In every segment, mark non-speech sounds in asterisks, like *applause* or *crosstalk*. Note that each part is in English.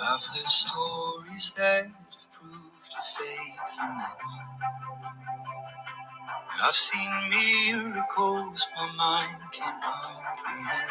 I've heard stories that have proved your faithfulness. I've seen miracles my mind can't comprehend.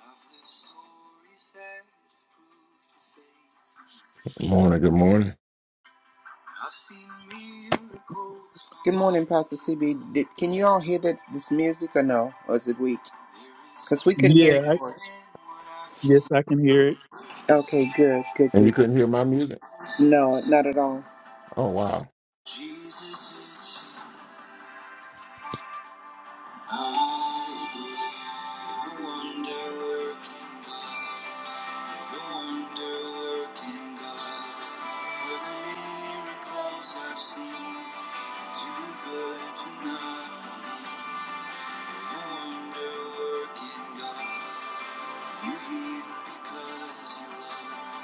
I've lived stories that Morning, good morning. have proved your faith. I've seen miracles. Good morning, Pastor CB. Did, can you all hear that this music or no? Or is it weak? Because we couldn't Yeah, hear yours. yes, I can hear it. Okay, good, good, And you good. couldn't hear my music? No, not at all. Oh wow. Jesus, it's you. I believe the wonder. The wonder working God, with the miracles I've seen, too good to not believe. the wonder working God, you heal because you love.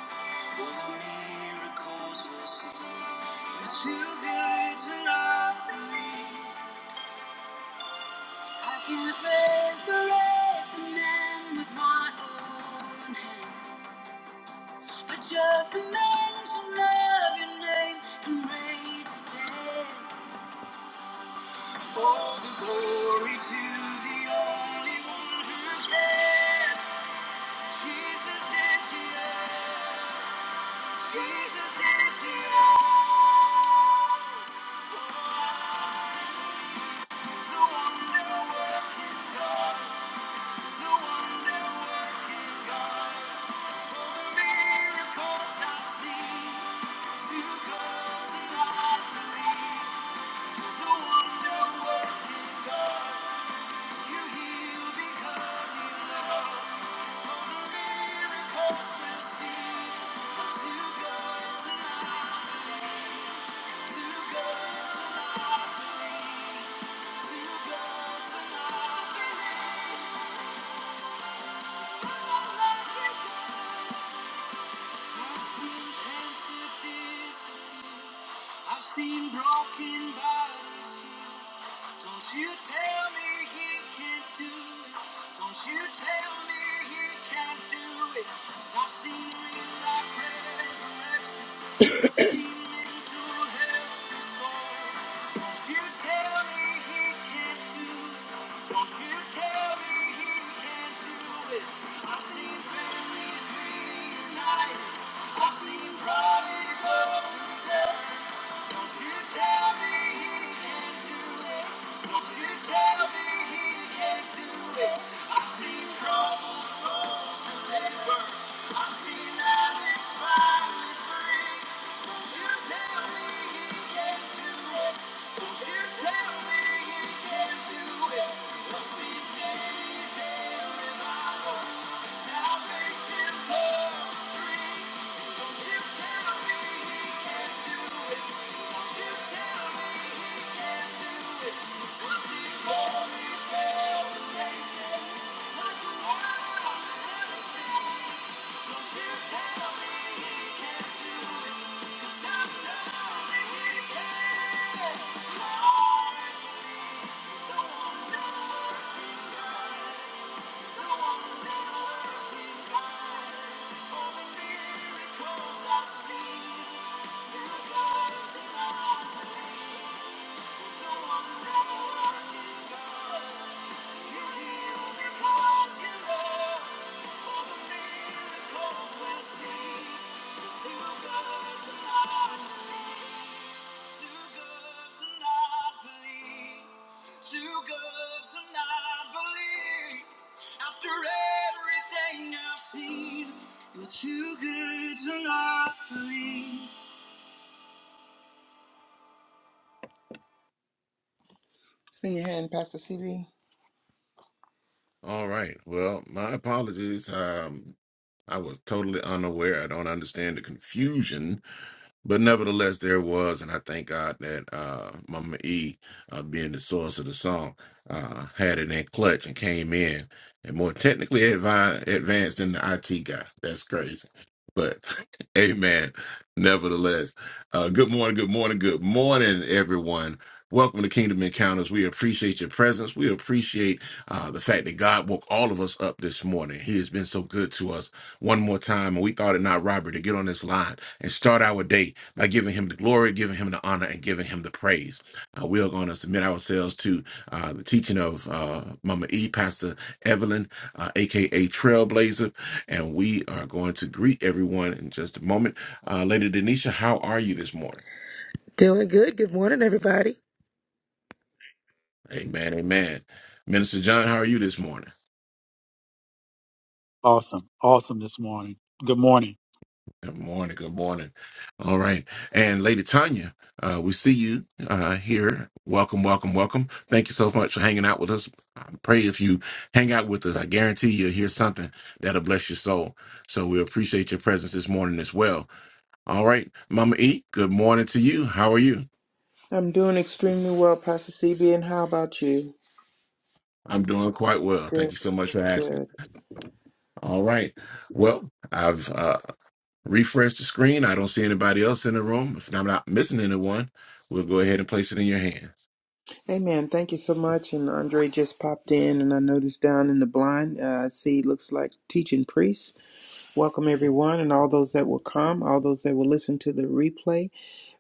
Well, the miracles we'll see, but too good to not believe. I can't resurrect a man with my own hands. But just the mention of your name can raise a dead. All the glory to the only one who can. Jesus is the answer. Jesus is the answer. The wonder working, the wonder working God. All the miracles I see, to God do I believe. I've seen broken bodies Don't you tell me he can't do it. Don't you tell me he can't do it. 'Cause I've seen real life resurrection. I've seen mental health restored. Don't you tell me he can't do it. Don't you tell me he can't do it. I've seen families reunited. I've seen prodigals Tell me he can do Thank you yeah. Thank you. Too Sing your hand, Pastor CB. All right. Well, my apologies. Um I was totally unaware. I don't understand the confusion But nevertheless, there it was, and I thank God that uh, Mama E, uh, being the source of the song, uh, had it in clutch and came in and more technically advi- advanced than the IT guy. That's crazy. But *laughs* amen. Nevertheless, uh, good morning, good morning, good morning, everyone. Welcome to Kingdom Encounters. We appreciate your presence. We appreciate uh, the fact that God woke all of us up this morning. He has been so good to us one more time, and we thought it not robbery to get on this line and start our day by giving him the glory, giving him the honor, and giving him the praise. Uh, we are going to submit ourselves to uh, the teaching of uh, Mama E, Pastor Evelyn, uh, aka Trailblazer, and we are going to greet everyone in just a moment. Uh, Lady Denisha, how are you this morning? Doing good. Good morning, everybody. Amen, amen. Minister John, how are you this morning? Awesome, awesome this morning. Good morning. Good morning. Good morning. All right. And Lady Tanya, uh, we see you uh, here. Welcome, welcome, welcome. Thank you so much for hanging out with us. I pray if you hang out with us, I guarantee you'll hear something that'll bless your soul. So we appreciate your presence this morning as well. All right. Mama E, good morning to you. How are you? I'm doing extremely well, Pastor CB, and how about you? I'm doing quite well. Thank Good, you so much for asking. good. All right. Well, I've uh, refreshed the screen. I don't see anybody else in the room. If I'm not missing anyone, we'll go ahead and place it in your hands. Amen. Thank you so much. And Andre just popped in, and I noticed down in the blind, uh, I see looks like teaching priest. Welcome, everyone, and all those that will come, all those that will listen to the replay.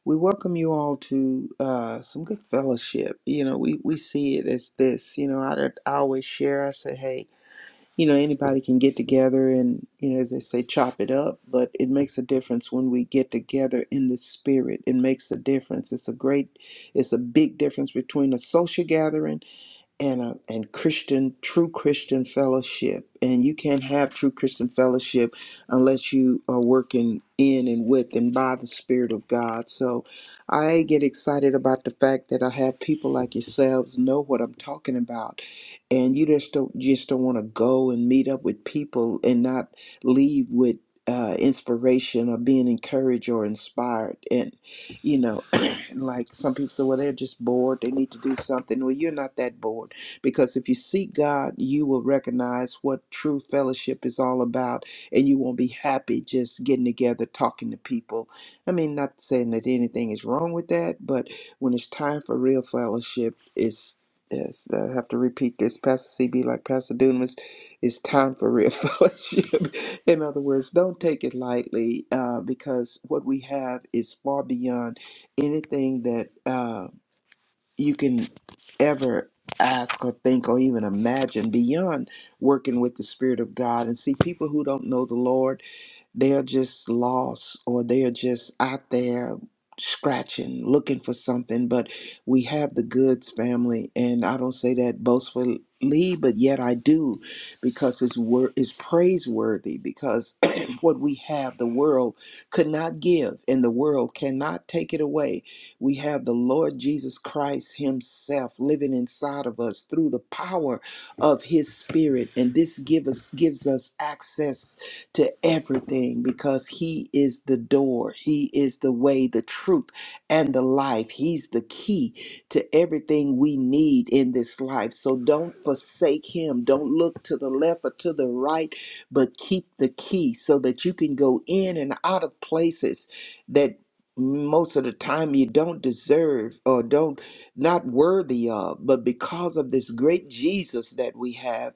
We welcome you all to uh, some good fellowship. You know, we, we see it as this. You know, I, I always share, I say, hey, you know, anybody can get together and, you know, as they say, chop it up, but it makes a difference when we get together in the spirit. It makes a difference. It's a great, it's a big difference between a social gathering and a, and Christian true Christian fellowship. And you can't have true Christian fellowship unless you are working in and with and by the Spirit of God. So I get excited about the fact that I have people like yourselves know what I'm talking about. And you just don't you just don't want to go and meet up with people and not leave with uh, inspiration or being encouraged or inspired and you know *clears throat* like some people say well they're just bored they need to do something well you're not that bored because if you seek God, you will recognize what true fellowship is all about, and you won't be happy just getting together, talking to people. I mean, not saying that anything is wrong with that, but when it's time for real fellowship, it's Yes, I have to repeat this. Pastor CB, like Pastor Dunamis, it's time for real *laughs* fellowship. In other words, don't take it lightly uh, because what we have is far beyond anything that. Uh, you can ever ask or think or even imagine beyond working with the Spirit of God and see people who don't know the Lord they are just lost or they are just out there scratching, looking for something. But we have the goods family. And I don't say that boastfully, but yet I do because his word is praiseworthy because *clears throat* what we have, the world could not give and the world cannot take it away. We have the Lord Jesus Christ himself living inside of us through the power of his spirit and this give us gives us access to everything because He is the door. He is the way, the truth, and the life. He's the key to everything we need in this life. So don't forsake Him. Don't look to the left or to the right, but keep the key so that you can go in and out of places that most of the time you don't deserve or don't not worthy of but because of this great jesus that we have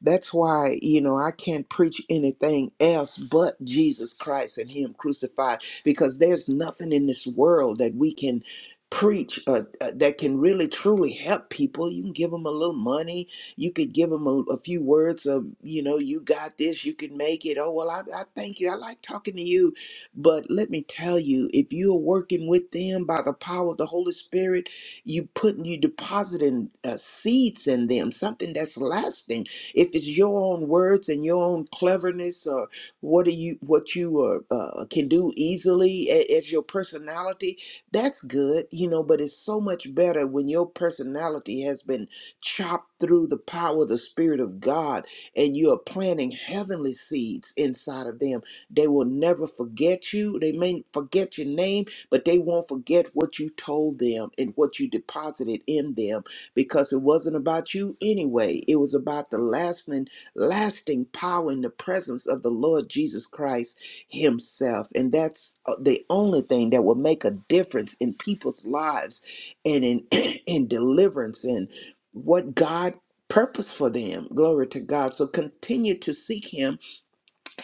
that's why, you know, I can't preach anything else but Jesus Christ and Him crucified because there's nothing in this world that we can preach uh, uh, that can really truly help people. You can give them a little money. You could give them a, a few words of, you know, you got this, you can make it. Oh, well, I, I thank you. I like talking to you. But let me tell you, if you're working with them by the power of the Holy Spirit, you putting you depositing uh, seeds in them something that's lasting if it's your own words and your own cleverness, or what do you what you uh, uh, can do easily a- as your personality, that's good, you know. But it's so much better when your personality has been chopped through the power of the Spirit of God, and you are planting heavenly seeds inside of them. They will never forget you. They may forget your name, but they won't forget what you told them and what you deposited in them because it wasn't about you anyway. It was about the lasting, lasting power in the presence of the Lord Jesus Christ Himself. And that's uh, the only thing that will make a difference in people's lives and in, *clears throat* in deliverance and what God purpose for them. Glory to God. So continue to seek Him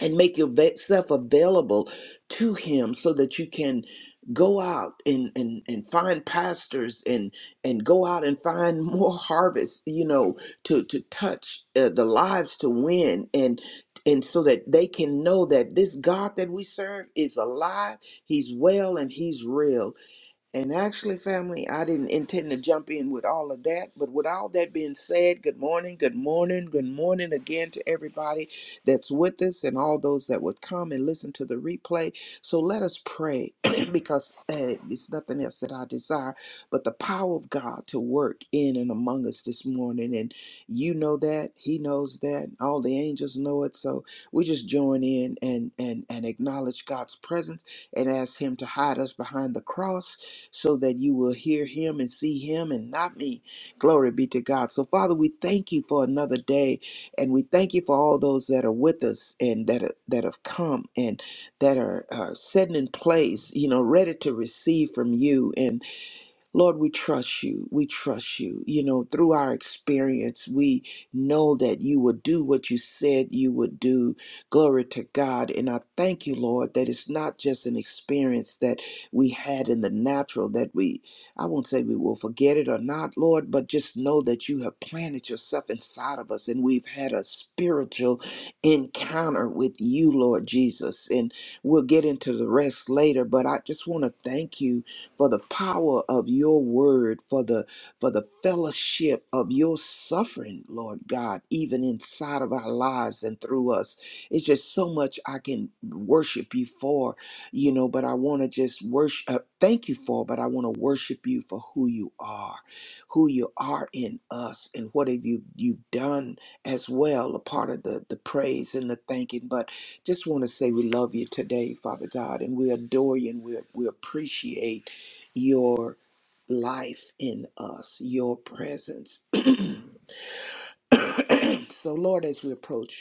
and make yourself available to him so that you can go out and, and, and find pastors and and go out and find *laughs* more harvest you know to to touch uh, the lives to win and and so that they can know that this god that we serve is alive he's well and he's real and actually, family, I didn't intend to jump in with all of that. But with all that being said, good morning, good morning, good morning again to everybody that's with us and all those that would come and listen to the replay. So let us pray *clears throat* because uh, it's nothing else that I desire but the power of God to work in and among us this morning. And you know that, He knows that, all the angels know it. So we just join in and, and, and acknowledge God's presence and ask Him to hide us behind the cross so that you will hear him and see him and not me. Glory be to God. So, Father, we thank you for another day, and we thank you for all those that are with us and that are, that have come and that are, are setting in place, you know, ready to receive from you. and. Lord, we trust you. We trust you. You know, through our experience, we know that you would do what you said you would do. Glory to God. And I thank you, Lord, that it's not just an experience that we had in the natural that we, I won't say we will forget it or not, Lord, but just know that you have planted yourself inside of us and we've had a spiritual encounter with you, Lord Jesus. And we'll get into the rest later, but I just want to thank you for the power of your word, for the for the fellowship of your suffering, Lord God, even inside of our lives and through us. It's just so much I can worship you for, you know, but I want to just worship uh, thank you for, but I want to worship you for who you are, who you are in us and what have you you've done as well, a part of the the praise and the thanking, but just want to say we love you today, Father God, and we adore you and we, we appreciate your life in us, your presence. *clears throat* so, Lord, as we approach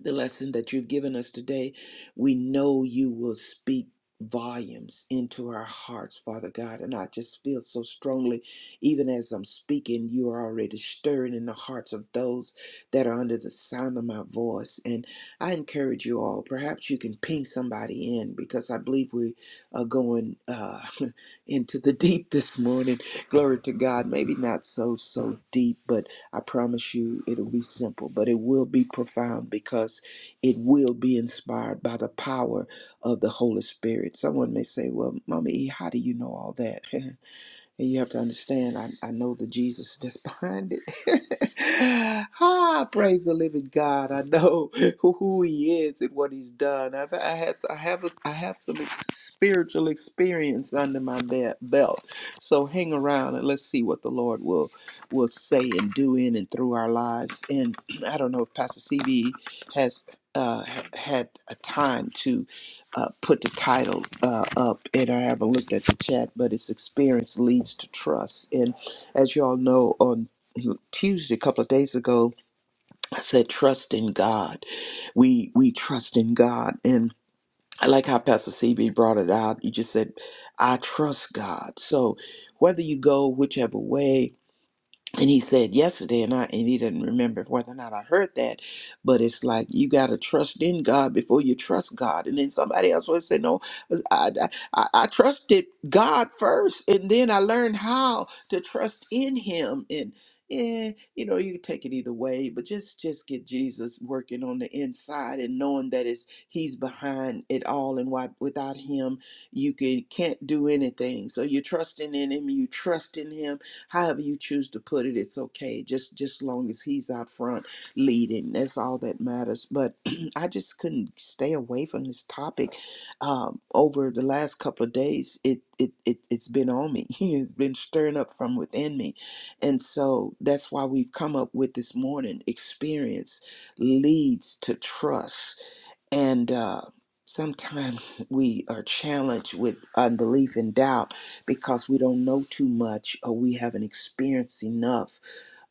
the lesson that you've given us today. We know you will speak volumes into our hearts, Father God. And I just feel so strongly, even as I'm speaking, you are already stirring in the hearts of those that are under the sound of my voice. And I encourage you all, perhaps you can ping somebody in because I believe we are going uh, *laughs* into the deep this morning. Glory to God. Maybe not so, so deep, but I promise you it'll be simple, but it will be profound because it will be inspired by the power of the Holy Spirit. Someone may say, Well, Mommy E, how do you know all that? *laughs* And you have to understand, I, I know the Jesus *laughs* that's behind it. *laughs* ah, praise the living God. I know *laughs* who, who he is and what he's done. I've, I, has, I, have a, I have some ex- spiritual experience under my be- belt. So hang around and let's see what the Lord will will say and do in and through our lives. And *clears throat* I don't know if Pastor CB has uh, ha- had a time to uh, put the title uh, up, and I haven't looked at the chat, but it's experience leads to trust. And as you all know, on Tuesday, a couple of days ago, I said trust in God. We we trust in God, and I like how Pastor CB brought it out. You just said, "I trust God." So whether you go whichever way and he said yesterday, and I and he didn't remember whether or not I heard that, but it's like you gotta trust in God before you trust God. And then somebody else would say, no, uh, I, I I I trusted God first, and then I learned how to trust in Him. And yeah, you know, you can take it either way, but just just get Jesus working on the inside and knowing that it's He's behind it all, and why without Him you can can't do anything. So you're trusting in Him, you trust in Him however you choose to put it it's okay just just long as he's out front leading that's all that matters but *clears throat* i just couldn't stay away from this topic um, over the last couple of days it, it it it's been on me *laughs* it's been stirring up from within me and so that's why we've come up with this morning experience leads to trust and uh, sometimes *laughs* we are challenged with unbelief and doubt because we don't know too much or we haven't experienced enough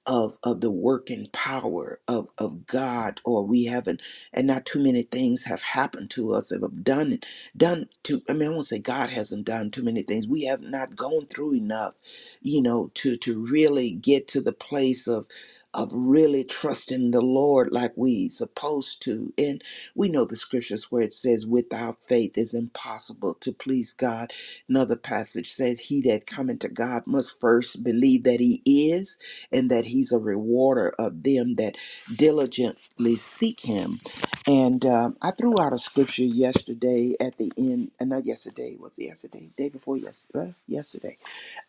of of the working power of of God, or we haven't, and not too many things have happened to us that have done done to. I mean, I won't say God hasn't done too many things. We have not gone through enough, you know, to to really get to the place of of really trusting the Lord like we supposed to. And we know the scriptures where it says, "Without faith is impossible to please God." Another passage says, "He that cometh to God must first believe that He is." and that He's a rewarder of them that diligently seek Him. And um, I threw out a scripture yesterday at the end, and not yesterday, was it yesterday? Day before yesterday, yesterday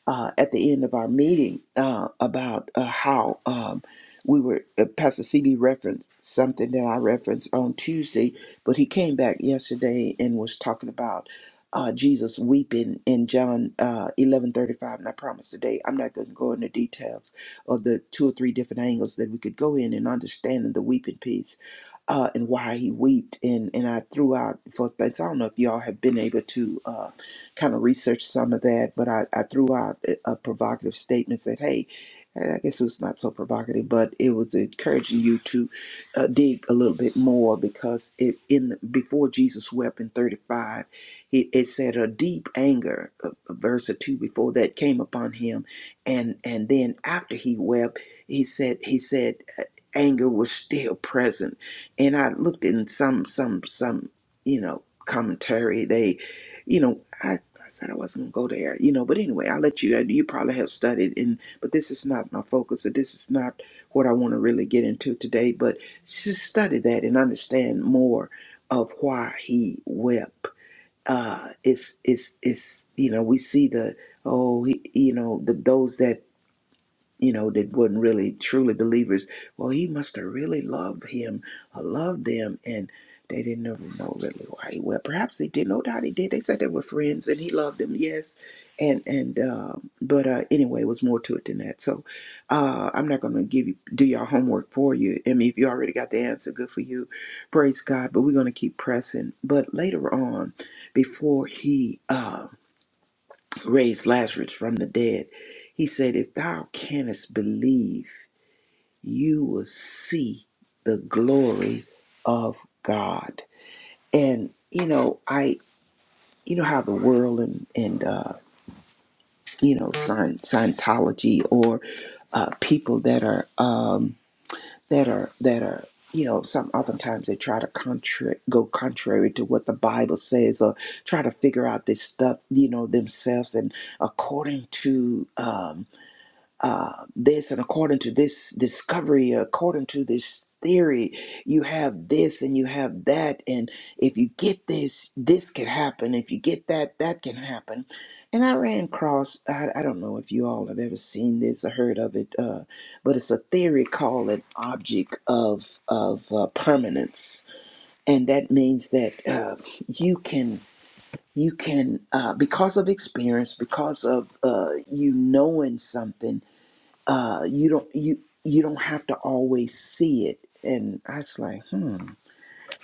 uh, at the end of our meeting uh, about uh, how um, we were, uh, Pastor CB referenced something that I referenced on Tuesday, but he came back yesterday and was talking about uh, Jesus weeping in John uh, 11 thirty five. And I promise today I'm not going to go into details of the two or three different angles that we could go in and understanding the weeping piece uh, and why he wept. And, and I threw out for things. I don't know if y'all have been able to uh, kind of research some of that, but I, I threw out a, a provocative statement said, hey, I guess it was not so provocative, but it was encouraging you to uh, dig a little bit more because it in before Jesus wept in 35, it, it said a deep anger, uh, verse or two before that came upon him, and and then after he wept, he said he said uh, anger was still present and I looked in some some some you know commentary they you know I, I said I wasn't gonna go there you know but anyway I let you uh, you probably have studied and but this is not my focus or this is not what I want to really get into today but just study that and understand more of why he wept uh it's it's it's you know we see the oh he, you know the those that you know, that wasn't really truly believers. Well, he must have really loved him or loved them, and they didn't ever know really why he went. Perhaps they did. No doubt he did. They said they were friends, and he loved them. Yes, and and um, but uh, anyway, it was more to it than that. So uh, I'm not going to give you do your homework for you. I mean, if you already got the answer, good for you. Praise God. But we're going to keep pressing. But later on, before he. Uh, raised Lazarus from the dead, he said, If thou canst believe, you will see the glory of God. And, you know, I, you know how the world and, and uh, you know, Scient- Scientology or uh, people that are, um, that are, that are, you know, some oftentimes they try to contra- go contrary to what the Bible says or try to figure out this stuff, you know, themselves and according to, um, uh, this and according to this discovery, according to this theory, you have this and you have that. And if you get this, this can happen. If you get that, that can happen. And I ran across, I, I don't know if you all have ever seen this or heard of it, uh, but it's a theory called an object of, of uh, permanence. And that means that uh, you can you can uh, because of experience because of uh, you knowing something uh, you don't you you don't have to always see it. And I was like, hmm,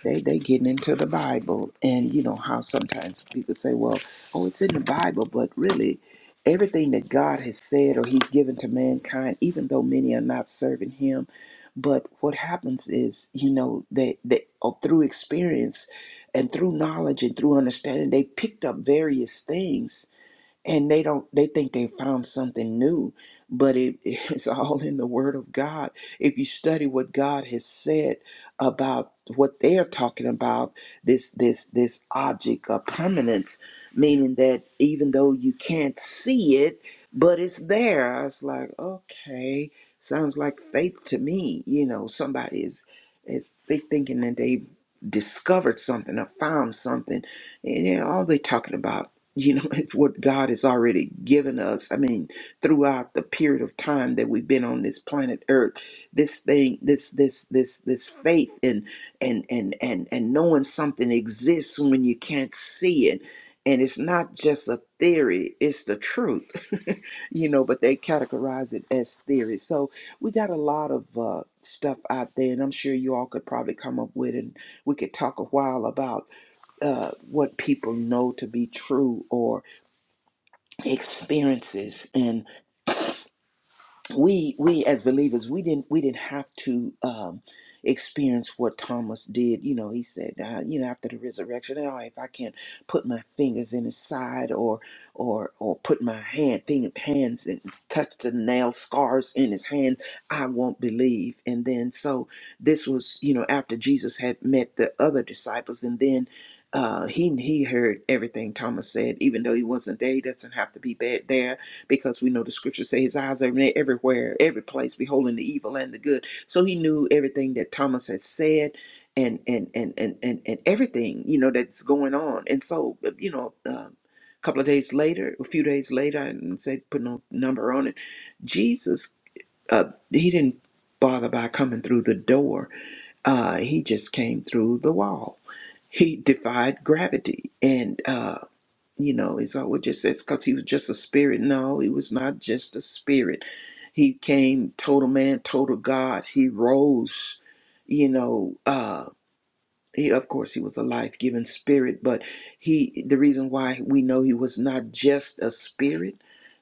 they they getting into the Bible, and you know how sometimes people say, well, oh, it's in the Bible, but really, everything that God has said or He's given to mankind, even though many are not serving Him, but what happens is, you know, that that oh, through experience and through knowledge and through understanding, they picked up various things and they don't they think they found something new but it *laughs* is all in the word of god if you study what god has said about what they're talking about this this this object of permanence meaning that even though you can't see it but it's there i was like okay sounds like faith to me you know somebody is is they thinking that they've discovered something or found something and you know, all they talking about you know, *laughs* it's what God has already given us. I mean, throughout the period of time that we've been on this planet Earth, this thing, this this this this faith and and and and and knowing something exists when you can't see it. And it's not just a theory, it's the truth, *laughs* you know, but they categorize it as theory. So we got a lot of uh, stuff out there, and I'm sure you all could probably come up with, and we could talk a while about uh, what people know to be true or experiences and we we as believers we didn't we didn't have to um experience what thomas did you know he said uh, you know after the resurrection oh if i can't put my fingers in his side or or or put my hand thing hands and touch the nail scars in his hand i won't believe and then so this was you know after jesus had met the other disciples and then uh, he he heard everything Thomas said, even though he wasn't there. He doesn't have to be bad there because we know the scriptures say his eyes are everywhere, every place, beholding the evil and the good. So he knew everything that Thomas had said and and and and and, and everything, you know, that's going on. And so, you know, um, a couple of days later, a few days later, I didn't say put no number on it, Jesus, uh, he didn't bother by coming through the door. Uh, he just came through the wall. He defied gravity. And uh, you know, it's always just says because he was just a spirit. No, he was not just a spirit. He came total man, total God. He rose, you know. uh, he of course he was a life-giving spirit but he the reason why we know he was not just a spirit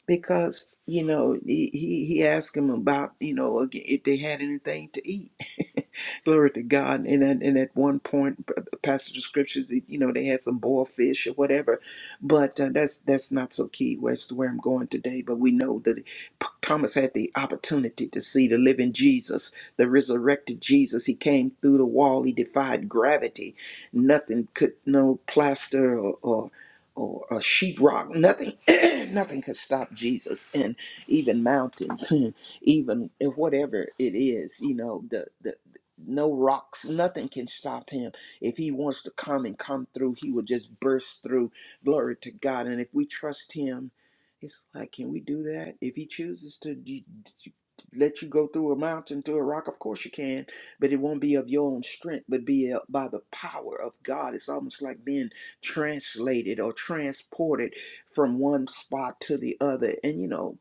because you know he he, he asked him about you know ag- if they had anything to eat *laughs* glory to god and at, and at one point p- passage of scriptures you know they had some boiled fish or whatever but uh, that's that's not so key where's where i'm going today but we know that P- thomas had the opportunity to see the living jesus the resurrected Jesus. He came through the wall. He defied gravity. Nothing could, no plaster or or, or, or sheetrock, nothing, *clears throat* nothing could stop Jesus. And even mountains, *laughs* even whatever it is, you know, the the no rocks, nothing can stop him. If he wants to come and come through, he will just burst through. Glory to God. And if we trust him, it's like, can we do that? If he chooses to, let you go through a mountain, through a rock. Of course you can, but it won't be of your own strength, but be uh, by the power of God. It's almost like being translated or transported from one spot to the other. And you know,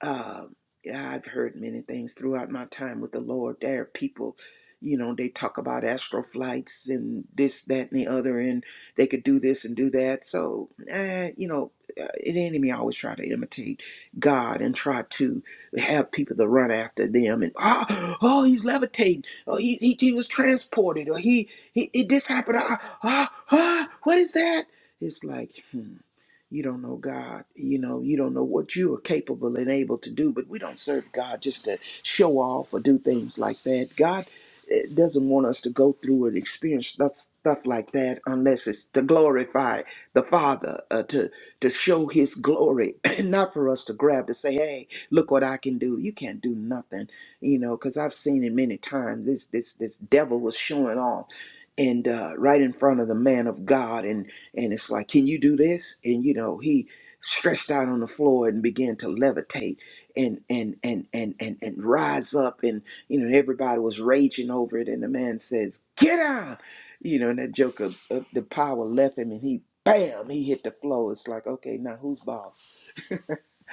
um, yeah, I've heard many things throughout my time with the Lord. There are people, you know, they talk about astral flights and this, that, and the other, and they could do this and do that. So, eh, you know, uh, an enemy always try to imitate God and try to have people to run after them and oh, oh he's levitating, oh he he, he was transported, or he he it, this happened, ah ah ah, what is that? It's like. hmm, you don't know God. You know, you don't know what you are capable and able to do, but we don't serve God just to show off or do things like that. God eh, doesn't want us to go through and experience stuff, stuff like that unless it's to glorify the Father, uh, to, to show His glory, *clears throat* not for us to grab to say, hey, look what I can do. You can't do nothing, you know, because I've seen it many times. This, this, this devil was showing off and uh, right in front of the man of God. and and it's like, can you do this? And you know, he stretched out on the floor and began to levitate and and and and and and rise up, and you know, everybody was raging over it, and the man says, "Get out!" You know, and that joke of, of the power left him, and he. Bam! He hit the floor. It's like, okay, now who's boss? *sighs*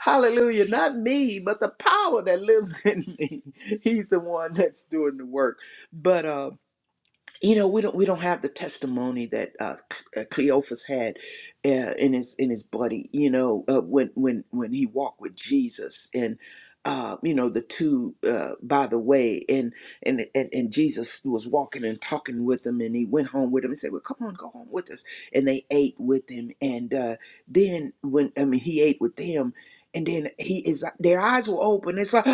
Hallelujah. Not me, but the power that lives *laughs* in me. He's the one that's doing the work. But um you know we don't we don't have the testimony that uh, C- uh, Cleophas had uh, in his in his buddy you know uh, when when when he walked with Jesus and uh, you know the two uh, by the way and, and and and Jesus was walking and talking with them and he went home with them and said well come on go home with us and they ate with him and uh, then when I mean he ate with them and then he is their eyes were open it's like *gasps*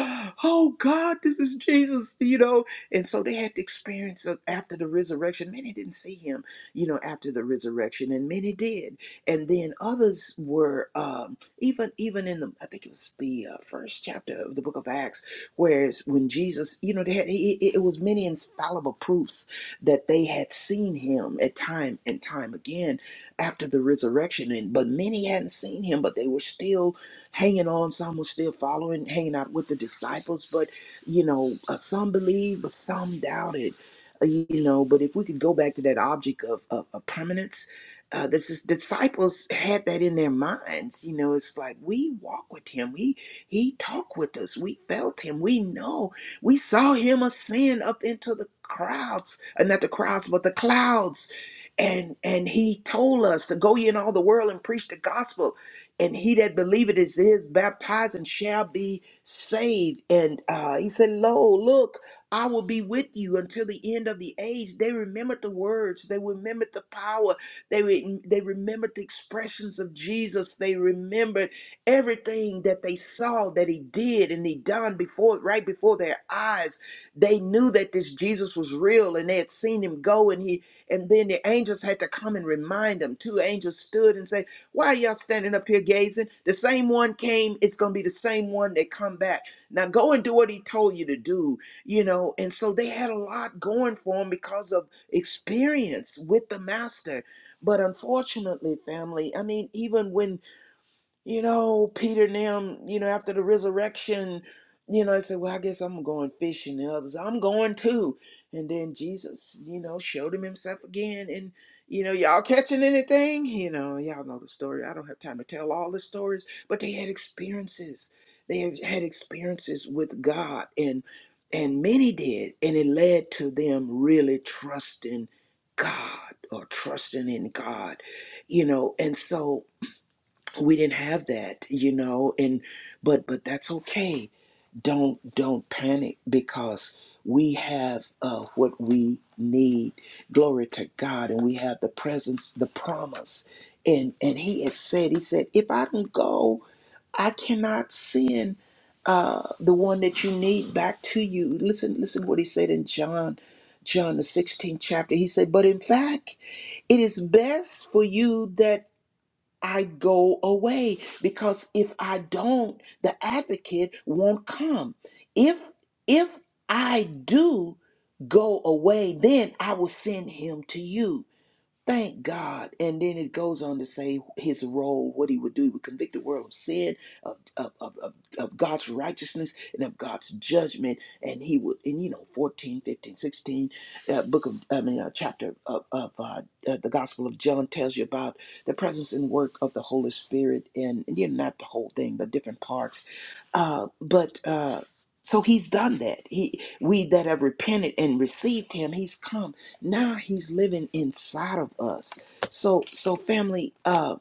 oh God this is Jesus you know and so they had the experience of after the resurrection. Many didn't see him, you know, after the resurrection, and many did. And then others were um, even even in the I think it was the uh, first chapter of the book of Acts, whereas when Jesus, you know, they had it, it it was many infallible proofs that they had seen him at time and time again after the resurrection, and but many hadn't seen him, but they were still hanging on. Some were still following, hanging out with the disciples, but you know, uh, some believed, but some doubted, uh, you know. But if we could go back to that object of, of, of permanence, uh, the dis- disciples had that in their minds. You know, it's like we walk with him. He he talked with us. We felt him. We know. We saw him ascend up into the crowds, uh, not the crowds, but the clouds. And and he told us to go ye in all the world and preach the gospel. And he that believeth is is baptized and shall be saved. And uh, he said, Lo, look, I will be with you until the end of the age. They remembered the words, they remembered the power, they, re- they remembered the expressions of Jesus, they remembered everything that they saw that he did and he done before, right before their eyes. They knew that this Jesus was real and they had seen him go and he and then the angels had to come and remind them. Two angels stood and said, why are y'all standing up here gazing? The same one came, it's gonna be the same one that come back. Now go and do what he told you to do, you know. And so they had a lot going for them because of experience with the master. But unfortunately, family, I mean, even when you know, Peter and them, you know, after the resurrection, you know, I said, Well, I guess I'm going fishing. And others, I'm going too. And then Jesus, you know, showed him himself again. And, you know, y'all catching anything? You know, y'all know the story. I don't have time to tell all the stories, but they had experiences. They had had experiences with God and and many did, and it led to them really trusting God or trusting in God, you know, and so we didn't have that you know and but but that's okay don't don't panic because we have uh, what we need glory to god and we have the presence the promise and and he had said he said if i don't go i cannot send uh the one that you need back to you listen listen what he said in john john the 16th chapter he said but in fact it is best for you that I go away because if I don't, the advocate won't come. If if I do go away, then I will send him to you. Thank God. And then it goes on to say his role, what he would do. He would convict the world of sin, of, of, of, of, of God's righteousness, and of God's judgment. And he would, and you know, 14, 15, 16, uh, book of, I mean, uh, chapter of, of uh, uh, the Gospel of John tells you about the presence and work of the Holy Spirit. And, and you know, not the whole thing, but different parts. Uh, but, uh, so he's done that. He, we that have repented and received him, he's come now he's living inside of us so so family uh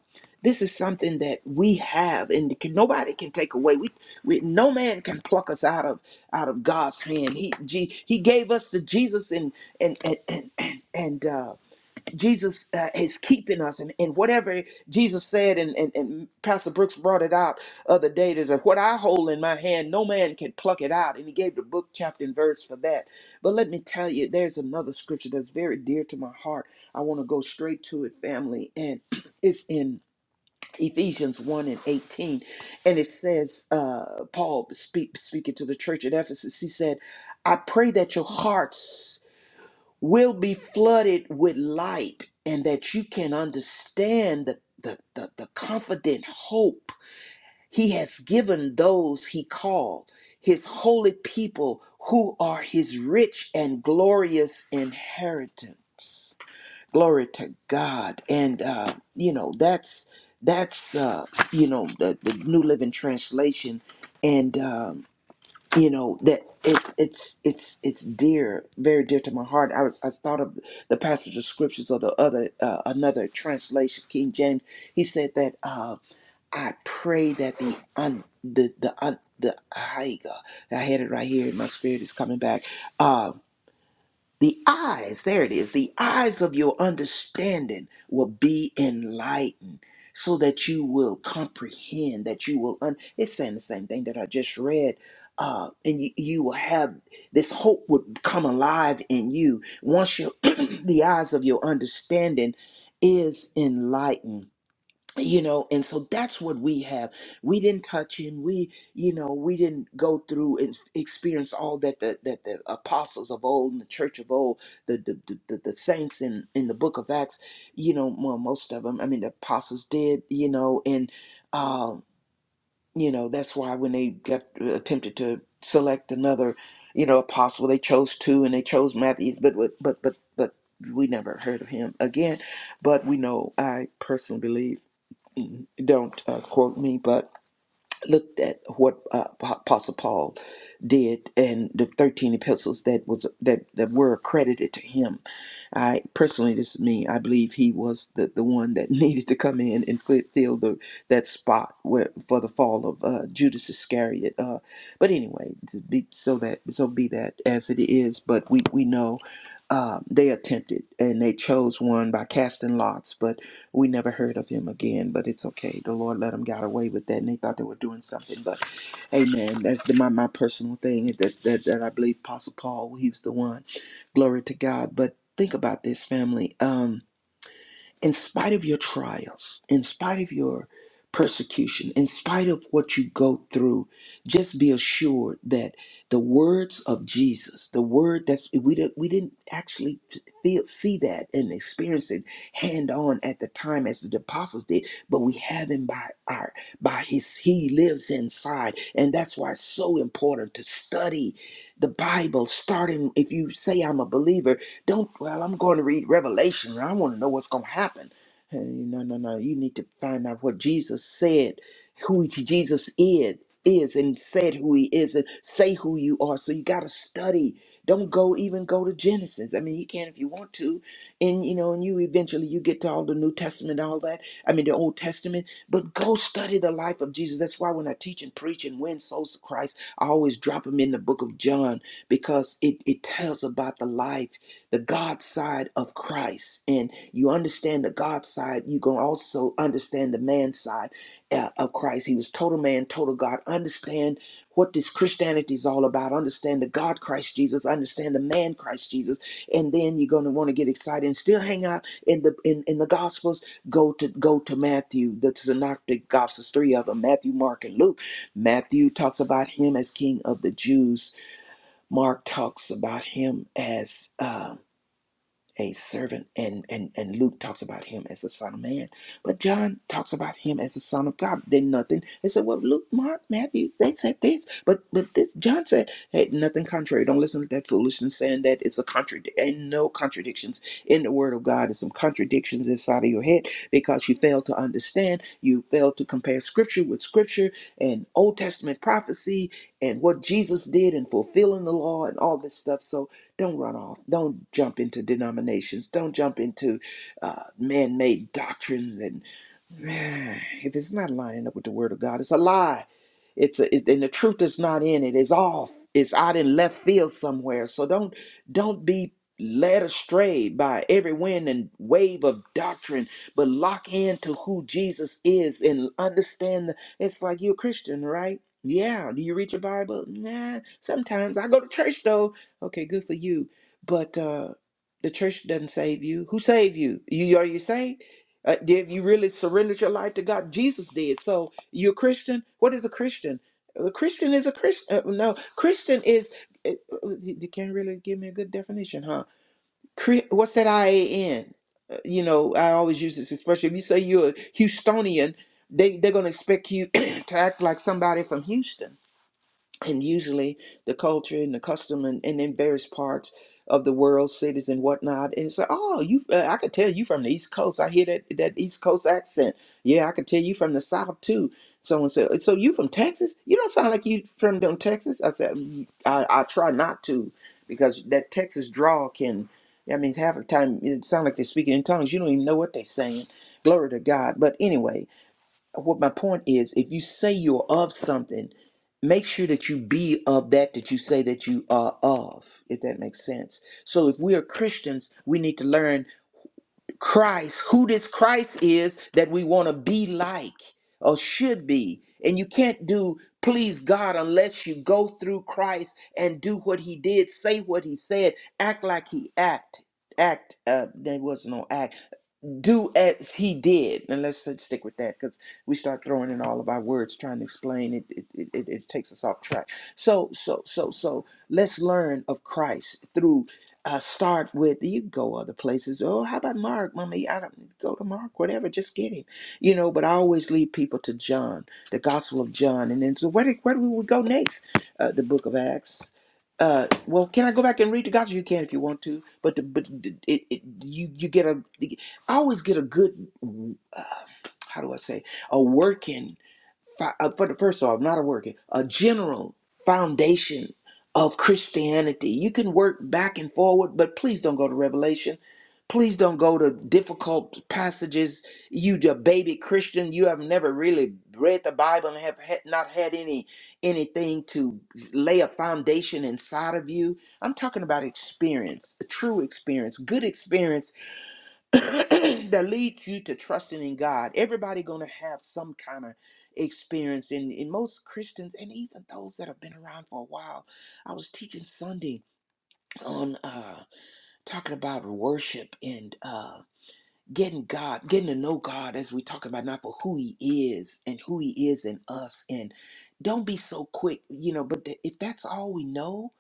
this is something that we have and can, nobody can take away we, we no man can pluck us out of out of god's hand he G, he gave us the jesus and and and and and, and, uh Jesus uh, is keeping us, and, and whatever Jesus said, and, and, and Pastor Brooks brought it out other day. Is that what I hold in my hand? No man can pluck it out, and he gave the book, chapter, and verse for that. But let me tell you, there's another scripture that's very dear to my heart. I want to go straight to it, family, and *clears throat* it's in Ephesians one and eighteen, and it says, uh, Paul speak, speaking to the church at Ephesus, he said, "I pray that your hearts." will be flooded with light and that you can understand the, the, the, the confident hope he has given those he called, his holy people who are his rich and glorious inheritance. Glory to God. And, uh, you know, that's, that's, uh, you know, the, the New Living Translation. And, um, you know that it, it's it's it's dear, very dear to my heart. I was I thought of the passage of scriptures or the other uh, another translation, King James. He said that uh, I pray that the un the the un, the Haiga, I had it right here. My spirit is coming back. Uh, the eyes, there it is, the eyes of your understanding will be enlightened so that you will comprehend, that you will, un- it's saying the same thing that I just read. Uh, and you, you will have this hope would come alive in you once you *clears throat* the eyes of your understanding is enlightened you know and so that's what we have we didn't touch him we you know we didn't go through and experience all that the that the apostles of old and the church of old the the, the, the the saints in in the book of acts you know well most of them i mean the apostles did you know and um you know that's why when they got uh, attempted to select another you know apostle they chose two and they chose Matthew. but but but, but we never heard of him again but we know i personally believe don't uh, quote me, but looked at what uh, Ap- Apostle Paul did and the thirteen epistles that was that that were accredited to him. I personally, this is me. I believe he was the, the one that *laughs* needed to come in and fi- fill the that spot where for the fall of uh, Judas Iscariot. Uh, but anyway, to be, so that so be that as it is. But we we know. Uh, they attempted and they chose one by casting lots, but we never heard of him again, but it's okay. The Lord let them got away with that, and they thought they were doing something. But, Amen. That's the, my my personal thing that that that I believe Apostle Paul he was the one. Glory to God. But think about this, family. Um, in spite of your trials, in spite of your persecution, in spite of what you go through, just be assured that the words of Jesus, the word that's we didn't we didn't actually feel see that and experience it hand on at the time as the apostles did, but we have him by our by his he lives inside. And that's why it's so important to study the Bible, starting if you say I'm a believer don't, well, I'm going to read Revelation. I want to know what's going to happen. And no, no, no. You need to find out what Jesus said, who he- Jesus is, is and said who he is, and say who you are. So you got to study. Don't go even go to Genesis. I mean, you can if you want to, and you know, and you eventually you get to all the New Testament, all that. I mean, the Old Testament. But go study the life of Jesus. That's why when I teach and preach and win souls to Christ, I always drop them in the Book of John because it it tells about the life the God side of Christ, and you understand the God side, you can also understand the man side uh, of Christ. He was total man, total God. Understand what this Christianity is all about. Understand the God Christ Jesus. Understand the man Christ Jesus, and then you're going to want to get excited and still hang out in the in, in the Gospels. Go to go to Matthew, the Synoptic Gospels, three of them: Matthew, Mark, and Luke. Matthew talks about him as King of the Jews. Mark talks about him as um a servant and, and and luke talks about him as the son of man but john talks about him as the son of god then nothing they said well luke mark matthew they said this but but this john said hey nothing contrary don't listen to that foolishness saying that it's a contradiction and no contradictions in the word of god there's some contradictions inside of your head because you fail to understand you fail to compare scripture with scripture and old testament prophecy and what jesus did and fulfilling the law and all this stuff so don't run off. Don't jump into denominations. Don't jump into uh, man made doctrines. And man, if it's not lining up with the word of God, it's a lie. It's, a, it, and the truth is not in it. It's off. It's out in left field somewhere. So don't don't be led astray by every wind and wave of doctrine, but lock into who Jesus is and understand. The, it's like you're a Christian, right? Yeah. Do you read your Bible? Nah. Sometimes I go to church though. Okay, good for you. But uh, the church doesn't save you. Who saved you? You are you saved? Uh, did you really surrender your life to God? Jesus did. So you're a Christian. What is a Christian? A Christian is a Christian. Uh, no, Christian is. uh, uh, You can't really give me a good definition, huh? Cre- What's that I A N? Uh, You know, I always use this expression. If you say you're a Houstonian, they they're gonna expect you *coughs* *clears throat* to act like somebody from Houston and usually the culture and the custom and, and in various parts of the world, cities and whatnot. And it's like, oh, you, uh, I could tell you from the East Coast. I hear that that East Coast accent. Yeah, I could tell you from the South too. Someone said, so so you from Texas? You don't sound like you from them Texas. I said, "Mm, I, I try not to because that Texas drawl can, I mean, half the time it sounds like they're speaking in tongues. You don't even know what they're saying. Glory to God. But anyway, what my point is if you say you're of something make sure that you be of that that you say that you are of if that makes sense so if we are christians we need to learn christ who this christ is that we want to be like or should be and you can't do please god unless you go through christ and do what he did say what he said act like he act act uh there was no act do as he did and let's just stick with that because we start throwing in all of our words trying to explain it it, it it it takes us off track so so so so let's learn of christ through uh, start with you can go other places oh how about mark mommy i don't go to mark whatever just get him you know but i always lead people to john the gospel of john and then so where, do- where do we go next uh, the book of acts uh, well, can I go back and read the gospel? You can if you want to, but the, but it, it, you you get a I always get a good, uh, how do I say, a working, fi- uh, for the first off, not a working, a general foundation of Christianity. You can work back and forward, but please don't go to Revelation. Please don't go to difficult passages. You a baby Christian. You have never really read the Bible and have had, not had any anything to lay a foundation inside of you. I'm talking about experience, a true experience, good experience *coughs* *clears throat* that leads you to trusting in God. Everybody gonna have some kind of experience and, and most Christians and even those that have been around for a while. I was teaching Sunday on uh talking about worship and uh getting God, getting to know God as we talk about not for who He is and who He is in us, and don't be so quick, you know. But th- if that's all we know,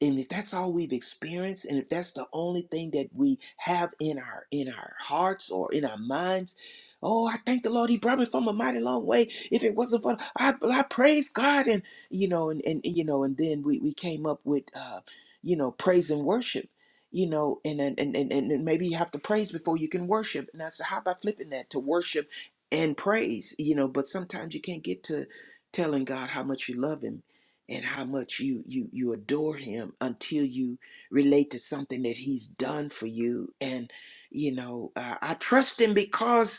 and if that's all we've experienced, and if that's the only thing that we have in our in our hearts or in our minds, oh, I thank the Lord He brought me from a mighty long way. If it wasn't for I, I praise God, and you know, and and you know, and then we we came up with. uh you know, praise and worship you know, and and and and, and maybe you have to praise before you can worship. And I said, how about flipping that to worship and praise? You know, but sometimes you can't get to telling God how much you love Him and how much you you you adore Him until you relate to something that He's done for you. And you know, uh, I trust Him because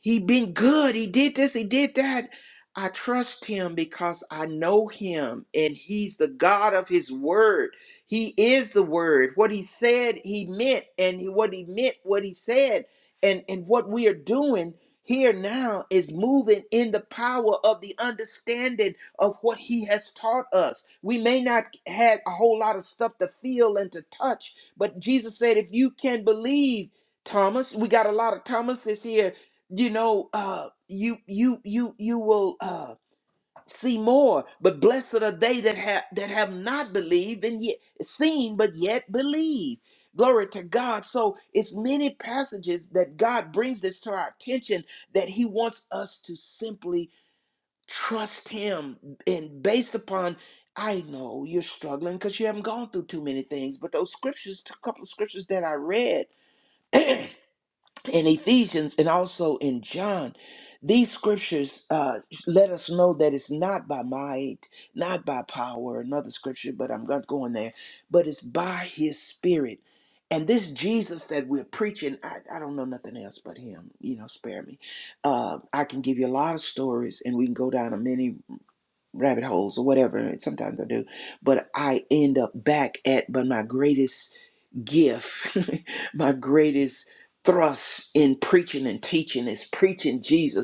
he been good. He did this. He did that. I trust him because I know him and he's the God of his word. He is the word. What he said, he meant and he- what he meant, what he said. And and what we are doing here now is moving in the power of the understanding of what he has taught us. We may not had a whole lot of stuff to feel and to touch, but Jesus said if you can believe Thomas. We got a lot of Thomases here you know uh you you you you will uh see more but blessed are they that have that have not believed and yet seen but yet believe glory to god so it's many passages that god brings this to our attention that he wants us to simply trust him and based upon i know you're struggling because you haven't gone through too many things but those scriptures a couple of scriptures that i read *clears throat* in Ephesians and also in John, these scriptures uh, let us know that it's not by might, not by power, another scripture, but I'm not going there, but it's by his spirit. And this Jesus that we're preaching, I, I don't know nothing else but him, you know, spare me. Uh, I can give you a lot of stories and we can go down a many rabbit holes or whatever, and sometimes I do, but I end up back at, but my greatest gift, *laughs* my greatest thrust in preaching and teaching is preaching Jesus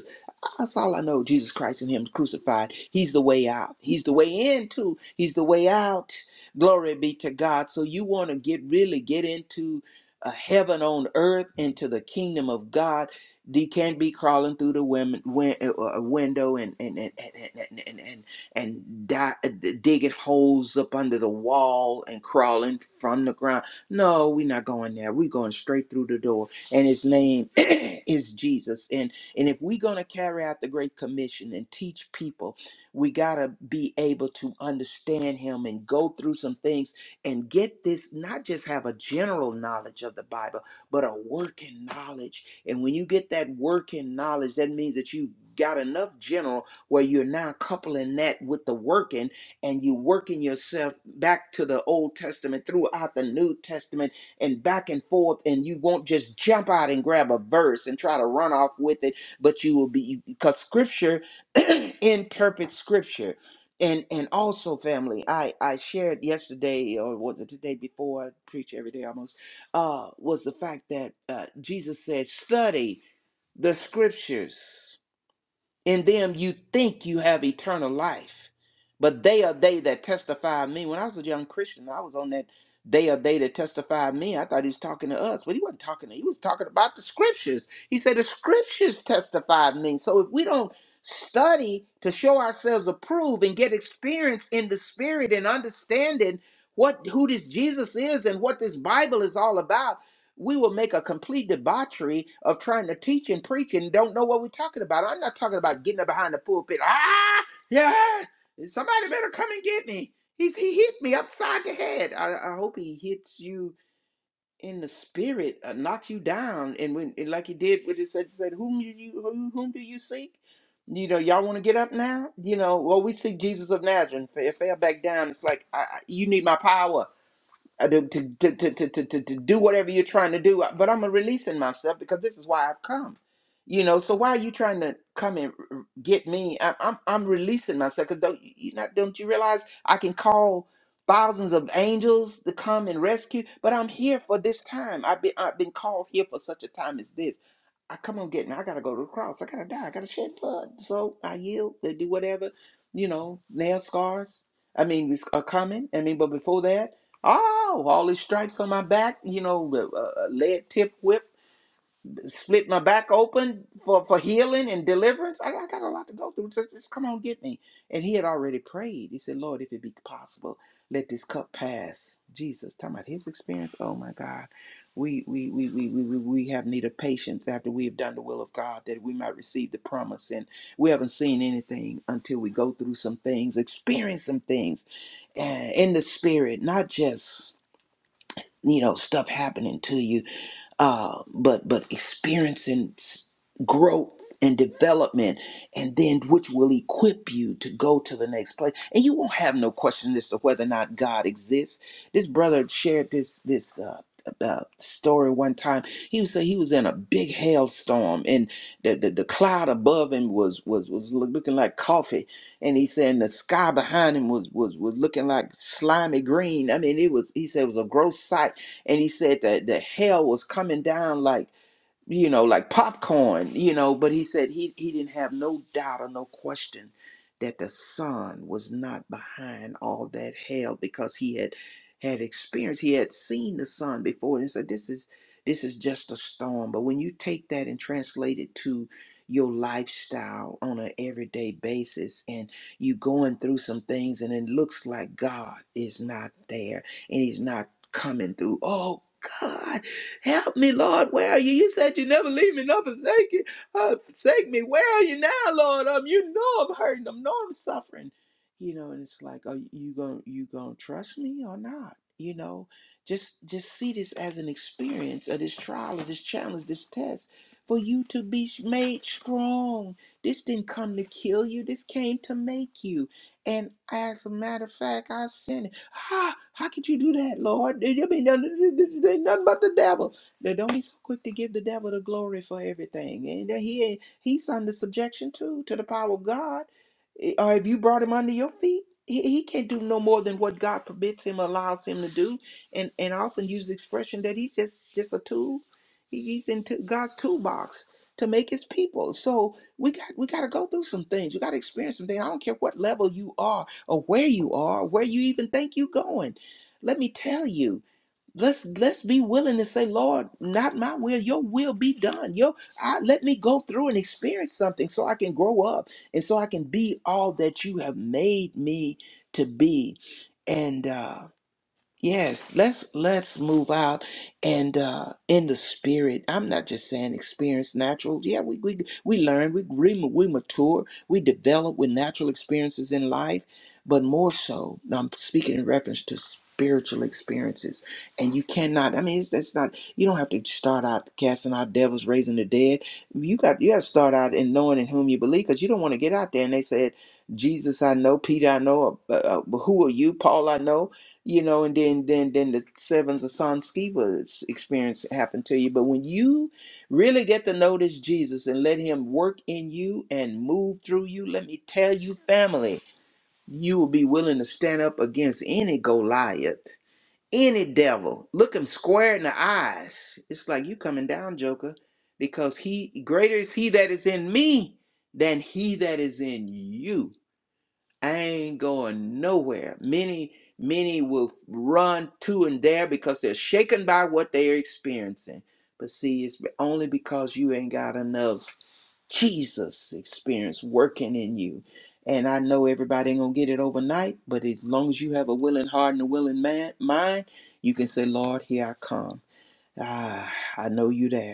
that's all I know. Jesus Christ and Him crucified. He's the way out. He's the way in too. He's the way out. Glory be to God. So you want to get really get into uh, heaven on earth, into the kingdom of God. You can't be crawling through the women, win, uh, uh, window and and and and and and, and, and di- digging holes up under the wall and crawling from the ground. No, we're not going there. We're going straight through the door. And His name *clears throat* is Jesus. And if we're going to carry out the Great Commission and teach people, we got to be able to understand Him and go through some things and get this, not just have a general knowledge of the Bible, but a working knowledge. And when you get that working knowledge, that means that you got enough general where you're now coupling that with the working and you working yourself back to the Old Testament throughout the New Testament and back and forth and you won't just jump out and grab a verse and try to run off with it but you will be because scripture *clears throat* in perfect scripture and and also family i i shared yesterday or was it today before i preach every day almost uh was the fact that uh jesus said study the scriptures in them you think you have eternal life, but they are they that testify of me. When I was a young Christian, I was on that they are they that testify of me. I thought he was talking to us, but he wasn't talking to he was talking about the scriptures. He said the scriptures testify of me. So if we don't study to show ourselves approved and get experience in the spirit and understanding what who this Jesus is and what this Bible is all about we will make a complete debauchery of trying to teach and preach and don't know what we're talking about. I'm not talking about getting up behind the pulpit. Ah, yeah, somebody better come and get me. He's, he hit me upside the head. I, I hope he hits you in the spirit, uh, knock you down, and when and like he did with his said, said whom do you whom, whom do you seek? You know, y'all want to get up now? You know, well, we seek Jesus of Nazareth. If I fell back down, it's like I, I, you need my power uh, to, to, to, to, to, to, to to do whatever you're trying to do. uh, But I'm releasing myself because this is why I've come. You know, so why are you trying to come and r- get me? I'm I'm, I'm releasing myself because don't you you not don't you realize I can call thousands of angels to come and rescue, but I'm here for this time. I've been I've been called here for such a time as this. I come on, get me. I gotta go to the cross. I gotta die. I gotta shed blood. So I yield. They do whatever. You know, nail scars. I mean, is- are coming. I mean, but before that. Oh, all these stripes on my back, you know, a, lead tip whip, split my back open for, for healing and deliverance. I, I got a lot to go through. Just, just come on, get me. And he had already prayed. He said, Lord, if it be possible, let this cup pass. Jesus, talking about his experience. Oh my God. We we we we we we we have need of patience after we have done the will of God that we might receive the promise. And we haven't seen anything until we go through some things, experience some things uh, in the spirit, not just you know stuff happening to you uh but but experiencing s- growth and development and then which will equip you to go to the next place and you won't have no question as to whether or not god exists this brother shared this this uh uh, story one time he was he was in a big hailstorm and the, the the cloud above him was was was loo- looking like coffee and he said and the sky behind him was was was looking like slimy green i mean it was he said it was a gross sight and he said that the hell was coming down like you know, like popcorn, you know, but he said he, he didn't have no doubt or no question that the son was not behind all that hell because he had had experience, he had seen the son before and said, This is this is just a storm. But when you take that and translate it to your lifestyle on an everyday basis and you going through some things and it looks like God is not there and he's not coming through. Oh God Help me, Lord. Where are you? You said you never leave me nor forsake, you, uh, forsake me. Where are you now, Lord? Um, you know I'm hurting. I know I'm suffering. You know, and it's like, are you going you gonna trust me or not? You know, just just see this as an experience, or this trial, or this challenge, this test, for you to be made strong. This didn't come to kill you. This came to make you. And as a matter of fact, I sinned. Ah, how could you do that, Lord? You mean nothing- this this ain't nothing but the devil? Now, don't be so quick to give the devil the glory for everything. And that he ain't- he's under subjection too to the power of God. Eh, Or if you brought him under your feet, he, he can't do no more than what God permits him, allows him to do. And and I often use the expression that he's just just a tool. He- He's in t- God's toolbox to make his people. So we got we got to go through some things. We got to experience some things. I don't care what level you are or where you are, where you even think you're going. Let me tell you. Let's let's be willing to say, Lord, not my will, your will be done. Your I, let me go through and experience something so I can grow up and so I can be all that you have made me to be. And uh Yes, let's let's move out and uh in the spirit. I'm not just saying experience natural. Yeah, we we we learn, we we, we mature, we develop with natural experiences in life, but more so, I'm speaking in reference to spiritual experiences. And you cannot. I mean, it's that's not. You don't have to start out casting out devils, raising the dead. You got you got to start out in knowing in whom you believe, because you don't want to get out there and they said. Jesus, I know. Peter, I know. Uh, uh, who are you? Paul, I know you know, and then then then the sevens of San Skiva's experience happened to you. But when you really get to notice Jesus and let him work in you and move through you, let me tell you, family, you will be willing to stand up against any Goliath, any devil. Look him square in the eyes. It's like you coming down, Joker, because he greater is he that is in me than he that is in you. I ain't going nowhere. Many, many will run to and there because they're shaken by what they're experiencing. But see, it's only because you ain't got enough Jesus experience working in you. And I know everybody ain't gonna get it overnight, but as long as you have a willing heart and a willing man mind, you can say, Lord, here I come. Ah, I know you there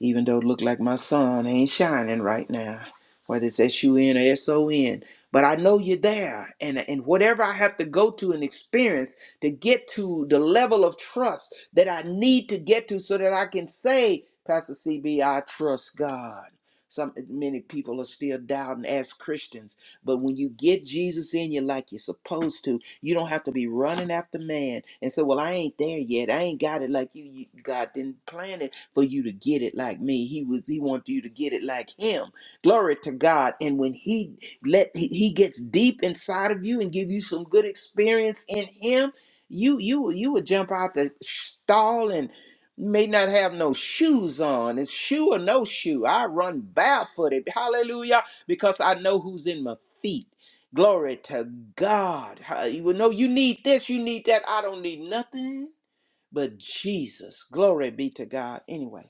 even though it look like my sun ain't shining right now, whether it's S-U-N or S-O-N. But I know you're there. And, and whatever I have to go to and experience to get to the level of trust that I need to get to so that I can say, Pastor CB, I trust God. Some many people are still doubting as Christians, but when you get Jesus in you like you're supposed to, you don't have to be running after man and say, "Well, I ain't there yet. I ain't got it like you. you God didn't plan it." for you to get it like me. He was he wanted you to get it like him. Glory to God. And when he let he he gets deep inside of you and give you some good experience in him, you you will- you would jump out the stall and may not have no shoes on. It's shoe or no shoe. I run barefooted. Hallelujah. Because I know who's in my feet. Glory to God. Ha- You will know you need this, you need that. I don't need nothing but Jesus. Glory be to God. Anyway.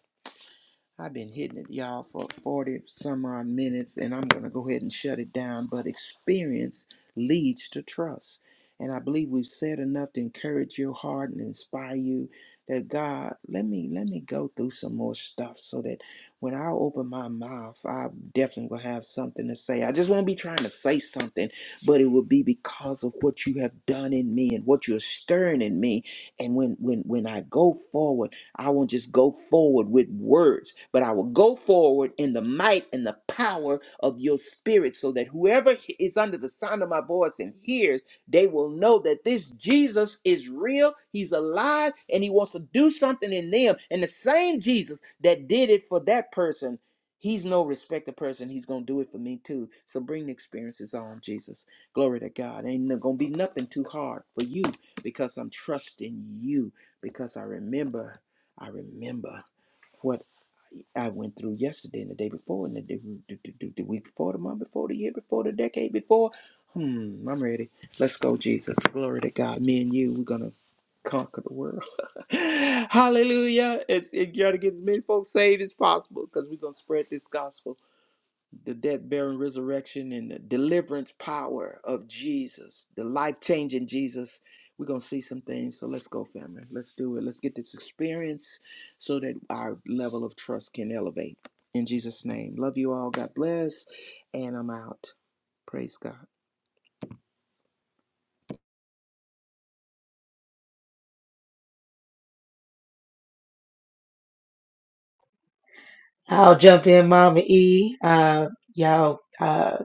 I've been hitting it, y'all, for 40 some odd minutes, and I'm going to go ahead and shut it down. But experience leads to trust. And I believe we've said enough to encourage your heart and inspire you that God, let me let me go through some more stuff so that when I open my mouth, I definitely will have something to say. I just won't be trying to say something, but it will be because of what you have done in me and what you're stirring in me. And when when when I go forward, I won't just go forward with words, but I will go forward in the might and the power of your spirit so that whoever is under the sound of my voice and hears, they will know that this Jesus is real, he's alive, and he wants to do something in them. And the same Jesus that did it for that person, he's no respected person. He's going to do it for me too. So bring the experiences on, Jesus. Glory to God. Ain't going to be nothing too hard for you because I'm trusting you because I remember. I remember what I went through yesterday and the day before and the, day, the, the, the week before, the month before, the year before, the decade before. Hmm, I'm ready. Let's go, Jesus. Glory to God. Me and you, we're going to conquer the world. *laughs* Hallelujah. It's, it got to get as many folks saved as possible because we're going to spread this gospel the death, burial, and resurrection, and the deliverance power of Jesus, the life changing Jesus. We're going to see some things. So let's go, family. Let's do it. Let's get this experience so that our level of trust can elevate. In Jesus' name. Love you all. God bless. And I'm out. Praise God. Uh, y'all, uh,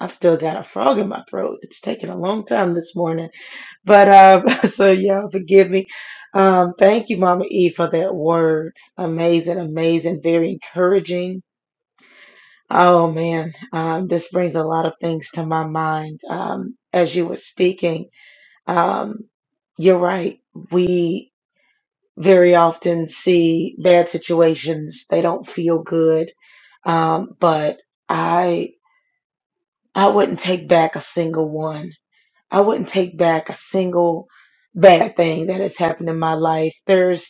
I feel my throat. It's taken a long time this morning, but uh, *laughs* so y'all forgive me. Um, thank you, Mama E, for that word. Amazing, amazing, very encouraging. Oh man, um, this brings a lot of things to my mind. Um, as you were speaking, um, you're right. We very often see bad situations. They don't feel good. Um, but I I wouldn't take back a single one. I wouldn't take back a single bad thing that has happened in my life. There's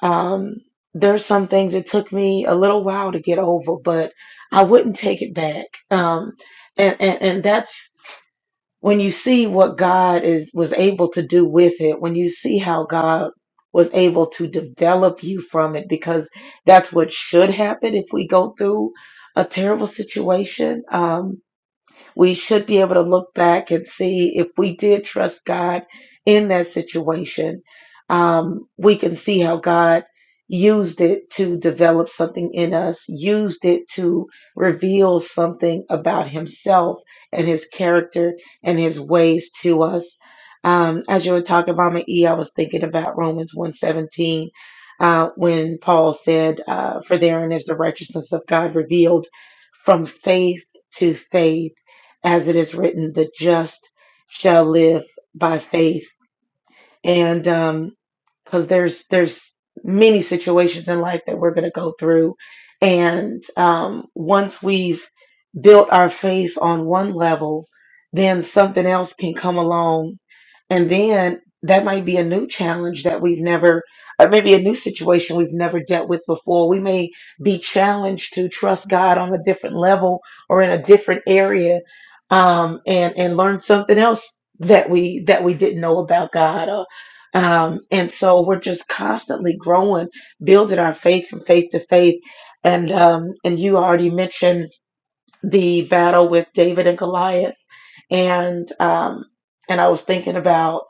um there's some things it took me a little while to get over, but I wouldn't take it back. Um and, and, and that's when you see what God is was able to do with it, when you see how God was able to develop you from it because that's what should happen if we go through a terrible situation. Um we should be able to look back and see if we did trust God in that situation. Um, we can see how God used it to develop something in us, used it to reveal something about Himself and His character and His ways to us. Um, as you were talking about my E, I was thinking about Romans 117 uh, when Paul said, uh, For therein is the righteousness of God revealed from faith to faith as it is written, the just shall live by faith and um because there's there's many situations in life that we're going to go through and um, once we've built our faith on one level then something else can come along and then that might be a new challenge that we've never or maybe a new situation we've never dealt with before we may be challenged to trust god on a different level or in a different area um, and and learn something else that we that we didn't know about god um, and so we're just constantly growing, building our faith from faith to faith. And um, and you already mentioned the battle with David and Goliath, and um, and I was thinking about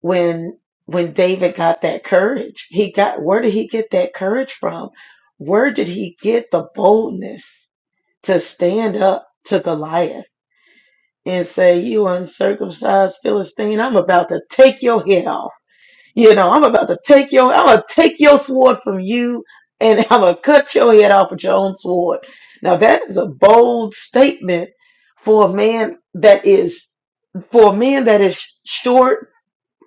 when when David got that courage. He got where did he get that courage from? Where did he get the boldness to stand up to Goliath and say, "You uncircumcised Philistine, I'm about to take your head off." You know, I'm about to take your, I'm gonna take your sword from you, and *laughs* I'm gonna cut your head off with your own sword. Now that is a bold statement for a man that is, for a man that is short,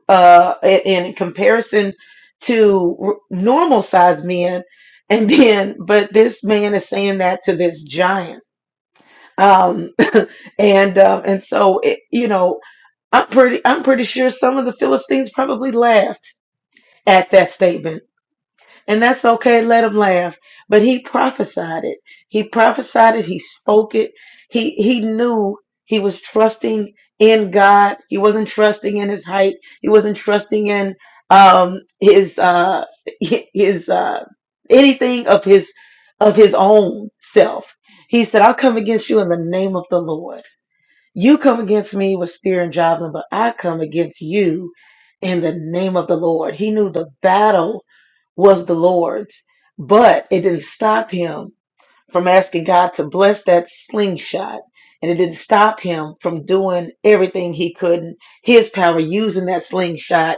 uh, in in comparison to normal sized men, and *laughs* then, but this man is saying that to this giant. Um, *laughs* and um, and so it, you know, I'm pretty, I'm pretty sure some of the Philistines probably laughed at that statement And that's okay, let him laugh. But he prophesied it. He prophesied it, he spoke it. He he knew he was trusting in God. He wasn't trusting in his height. He wasn't trusting in um his uh hi- his uh anything of his of his own self. He said, I'll come against you in the name of the Lord. You come against me with spear and javelin, but I come against you in the name of the Lord. He knew the battle was the Lord's, but it didn't stop him from asking God to bless that slingshot. And it didn't stop him from doing everything he could in his power, using that slingshot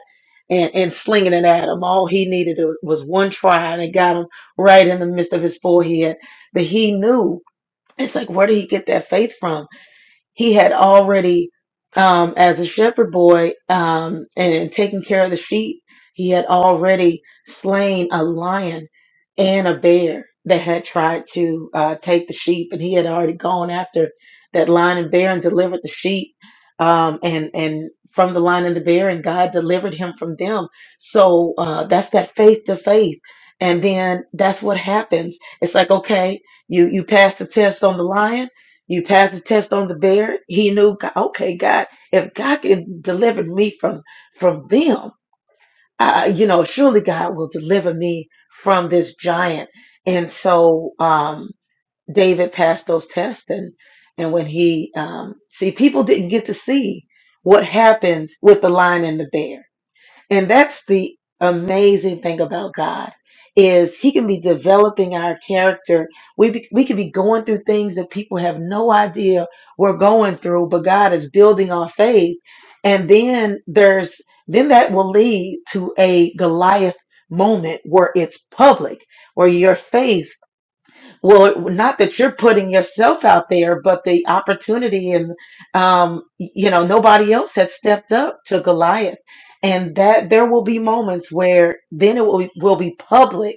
and, and slinging it at him. All he needed was one try, and it got him right in the midst of his forehead. But he knew. It's like, where did he get that faith from? he had already um, as a shepherd boy um, and taking care of the sheep he had already slain a lion and a bear that had tried to uh, take the sheep and he had already gone after that lion and bear and delivered the sheep um, and and from the lion and the bear and god delivered him from them so uh, that's that faith to faith and then that's what happens it's like okay you you pass the test on the lion you pass the test on the bear. He knew, God, okay, God, if God can deliver me from from them, uh, you know, surely God will deliver me from this giant. And so um, David passed those tests, and and when he um, see, people didn't get to see what happens with the lion and the bear. And that's the amazing thing about God is he can be developing our character. We be, we could be going through things that people have no idea we're going through, but God is building our faith. And then there's then that will lead to a Goliath moment where it's public, where your faith well, not that you're putting yourself out there, but the opportunity and, um, you know, nobody else had stepped up to Goliath. And that there will be moments where then it will, will be public.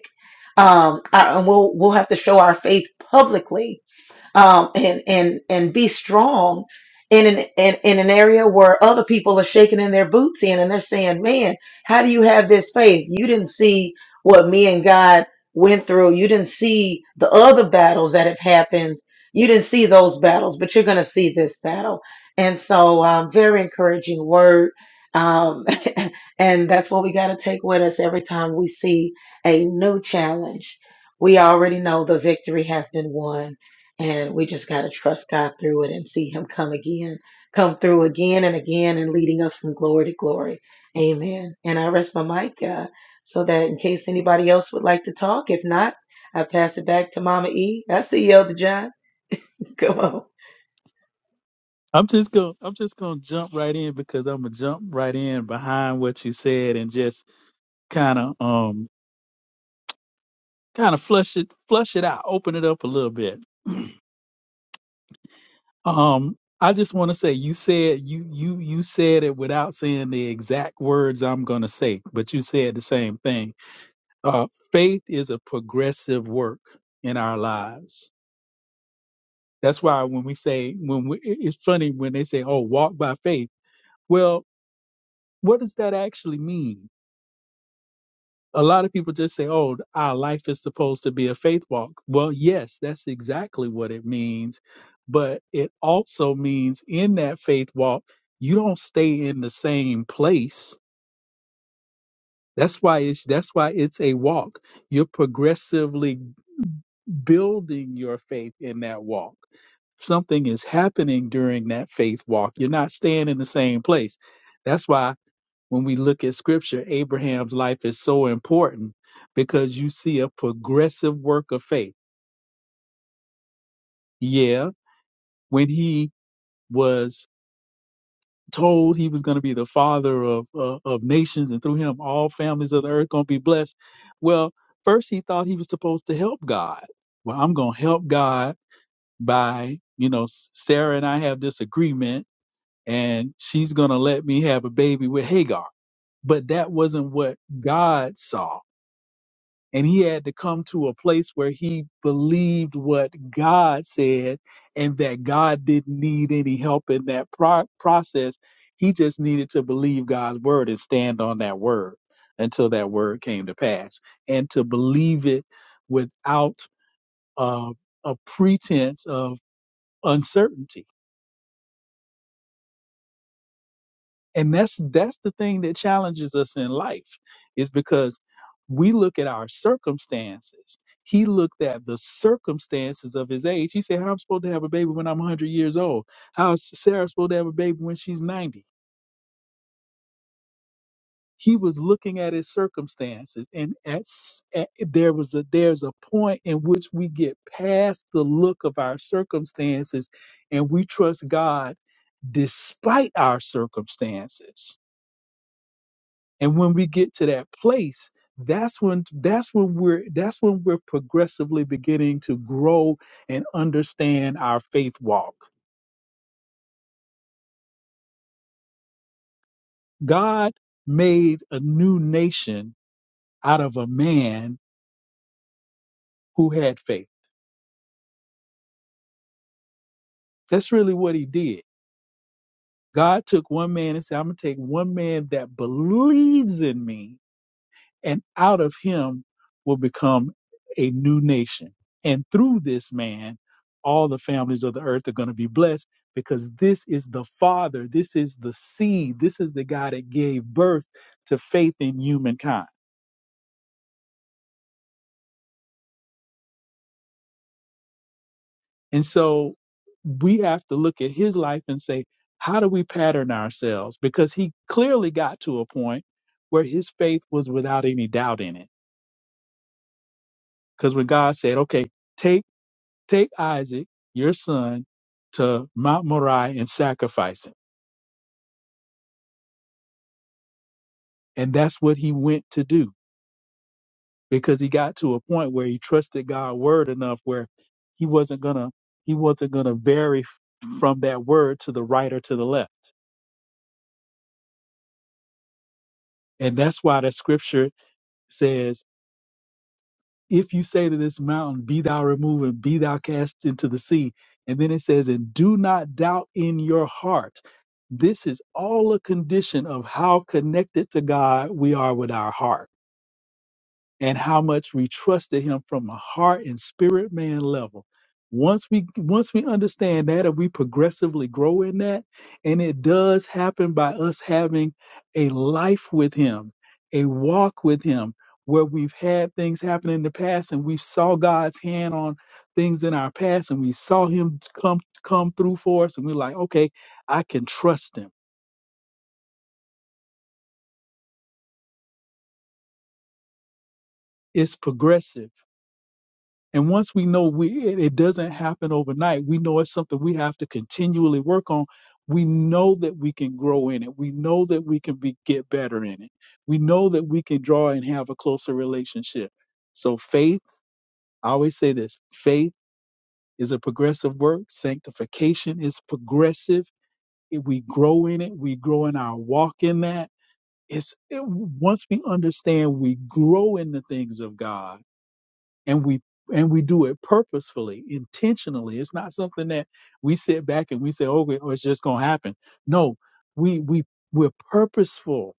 Um, I- and we'll, we'll have to show our faith publicly um, and and and be strong in an in, in an area where other people are shaking in their boots in and they're saying, "Man, how do you have this faith? You didn't see what me and God went through. You didn't see the other battles that have happened. You didn't see those battles, but you're going to see this battle." And so, um, very encouraging word. Um, *laughs* and that's what we got to take with us every time we see a new challenge. We already know the victory has been won and we just got to trust God through it and see Him come again, come through again and again, and leading us from glory to glory. Amen. And I rest my mic uh, so that in case anybody else would like to talk, if not, I pass it back to Mama E. I see you, Elder John. *laughs* Come on. I'm just gonna I'm just gonna jump right in because I'm gonna jump right in behind what you said and just kind of um kind of flush it flush it out, open it up a little bit. Um, I just want to say you said you you you said it without saying the exact words I'm gonna say, but you said the same thing. Uh, faith is a progressive work in our lives That's why when we say when we, it- it's funny when they say, "Oh, walk by faith." Well, what does that actually mean? A lot of people just say, "Oh, our life is supposed to be a faith walk." Well, yes, that's exactly what it means, but it also means in that faith walk, you don't stay in the same place. That's why it's that's why it's a walk. You're progressively building your faith in that walk. Something is happening during that faith walk. You're not staying in the same place. That's why when we look at scripture, Abraham's life is so important because you see a progressive work of faith. Yeah, when he was told he was going to be the father of uh, of nations and through him all families of the earth going to be blessed. Well, first he thought he was supposed to help God. Well, I'm going to help God by, you know, Sarah and I have this agreement and she's going to let me have a baby with Hagar. But that wasn't what God saw. And he had to come to a place where he believed what God said and that God didn't need any help in that pro- process. He just needed to believe God's word and stand on that word until that word came to pass and to believe it without uh, a pretense of uncertainty and that's that's the thing that challenges us in life is because we look at our circumstances he looked at the circumstances of his age he said how am i supposed to have a baby when i'm 100 years old how is sarah supposed to have a baby when she's 90 he was looking at his circumstances and at, s- at there was a there's a point in which we get past the look of our circumstances and we trust god despite our circumstances And when we get to that place, that's when that's when we're that's when we're progressively beginning to grow and understand our faith walk. God made a new nation out of a man who had faith. That's really what he did. God took one man and said, I'm gonna take one man that believes in me and out of him will become a new nation. And through this man, all the families of the earth are going to be blessed because this is the father, this is the seed, this is the guy that gave birth to faith in humankind. And so we have to look at his life and say, how do we pattern ourselves? Because he clearly got to a point where his faith was without any doubt in it. Because when God said, okay, take Take Isaac, your son, to Mount Moriah and sacrifice him. And that's what he went to do because he got to a point where he trusted God's word enough where he wasn't gonna he wasn't gonna vary f- from that word to the right or to the left. And that's why the scripture says if you say to this mountain, Be thou removed and be thou cast into the sea, and then it says, And do not doubt in your heart. This is all a condition of how connected to God we are with our heart and how much we trusted him from a heart and spirit man level. Once we once we understand that and we progressively grow in that, and it does happen by us having a life with him, a walk with him, where we've had things happen in the past and we saw God's hand on things in our past and we saw him come come through for us and we're like, okay, I can trust him. It's progressive And once we know we it, it doesn't happen overnight, we know it's something we have to continually work on. We know that we can grow in it. We know that we can be get better in it. We know that we can draw and have a closer relationship. So faith, I always say this, faith is a progressive work. Sanctification is progressive. If we grow in it, we grow in our walk in that. It's it, once we understand we grow in the things of God and we and we do it purposefully, intentionally. It's not something that we sit back and we say, "Oh, it- oh, it's just gonna happen." No, we we we're purposeful,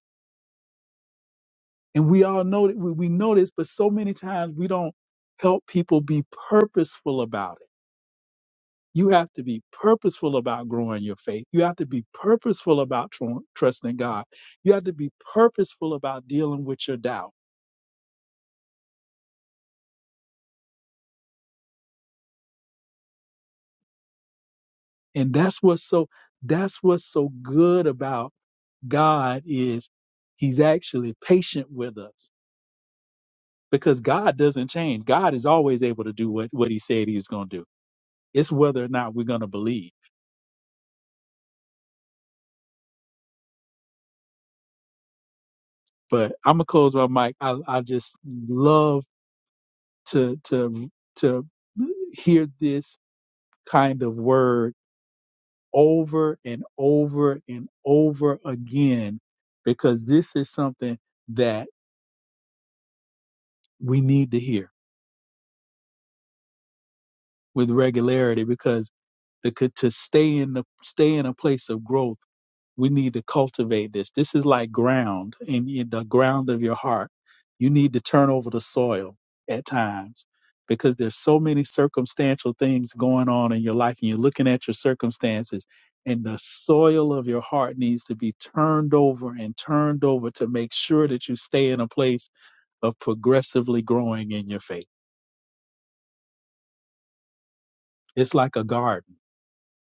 and we all know that we, we know this, but so many times we don't help people be purposeful about it. You have to be purposeful about growing your faith. You have to be purposeful about tr- trusting God. You have to be purposeful about dealing with your doubt, and that's what's so that's what's so good about God is he's actually patient with us because God doesn't change. God is always able to do what, what he said he was going to do. It's whether or not we're going to believe. But I'm going to close my mic. I, I just love to, to, to hear this kind of word over and over and over again because this is something that we need to hear with regularity because the, to stay in the stay in a place of growth We need to cultivate this. This is like ground in, in the ground of your heart. You need to turn over the soil at times because there's so many circumstantial things going on in your life and you're looking at your circumstances and the soil of your heart needs to be turned over and turned over to make sure that you stay in a place of progressively growing in your faith. It's like a garden.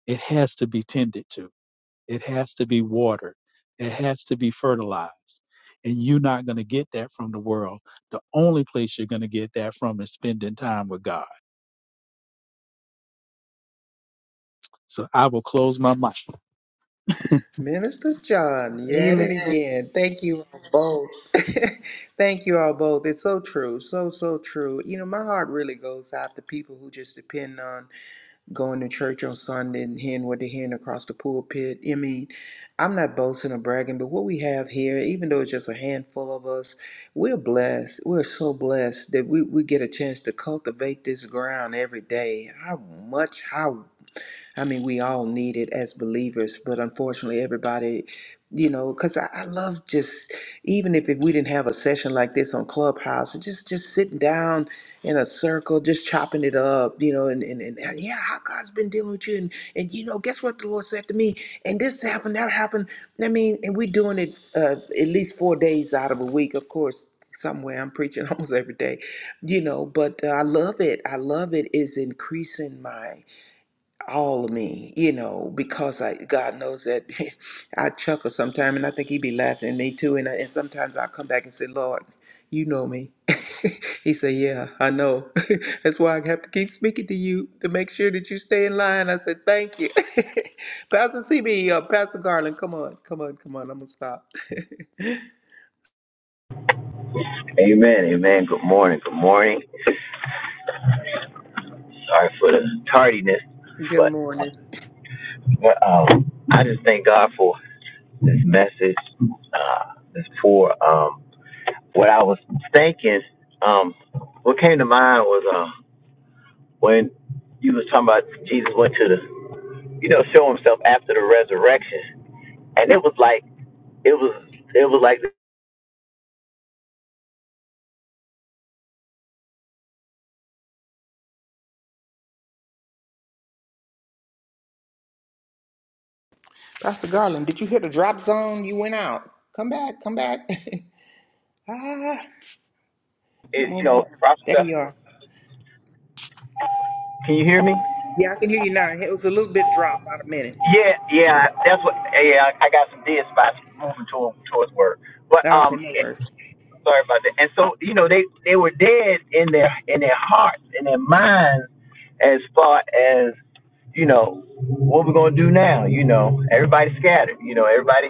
It has to be tended to It has to be watered. It has to be fertilized. And you're not going to get that from the world. The only place you're going to get that from is spending time with God. So I will close my mic. *laughs* Minister John, you at Amen. it again. Thank you all both. *laughs* Thank you all both. It's so true. So, so true. You know, my heart really goes out to people who just depend on going to church on Sunday and hearing what they're hearing across the pulpit. I mean, I'm not boasting or bragging, but what we have here, even though it's just a handful of us, we're blessed. We're so blessed that we, we get a chance to cultivate this ground every day. How much, how I mean, we all need it as believers, but unfortunately, everybody, you know, because I, I love just even if, if we didn't have a session like this on Clubhouse, just just sitting down in a circle, just chopping it up, you know, and and, and yeah, how God's been dealing with you, and and you know, guess what the Lord said to me, and this happened, that happened. I mean, and we're doing it uh, at least four days out of a week, of course. Somewhere I'm preaching *laughs* almost every day, you know. But uh, I love it. I love it. Is increasing my all of me, you know, because I, God knows that *laughs* I chuckle sometimes and I think he be laughing at me too. And, I, and sometimes I come back and say, Lord, you know me. *laughs* he said, yeah, I know. *laughs* That's why I have to keep speaking to you to make sure that you stay in line. I said, thank you. *laughs* Pastor CB, uh, Pastor Garland, come on, come on, come on. I'm going to stop. Amen, amen. Good morning, good morning. Sorry for the tardiness, *laughs* Good but morning. um, I just thank God for this message. Uh, this for um, what I was thinking. Um, what came to mind was uh, when you was talking about Jesus went to the, you know, show himself after the resurrection, and it was like it was it was like Pastor Garland, did you hit the drop zone? You went out. Come back, come back. *laughs* ah, it, come on you know, back. prophet. There stuff. you are. Can you hear me? Yeah, I can hear you now. It was a little bit dropped, about a minute. Yeah, yeah, that's what. Yeah, I got some dead spots moving to, towards work, but Okay, um, no worries. sorry about that. And so you know, they they were dead in their in their hearts, in their minds, as far as you know, what we're gonna do now. You know, everybody scattered. You know, everybody.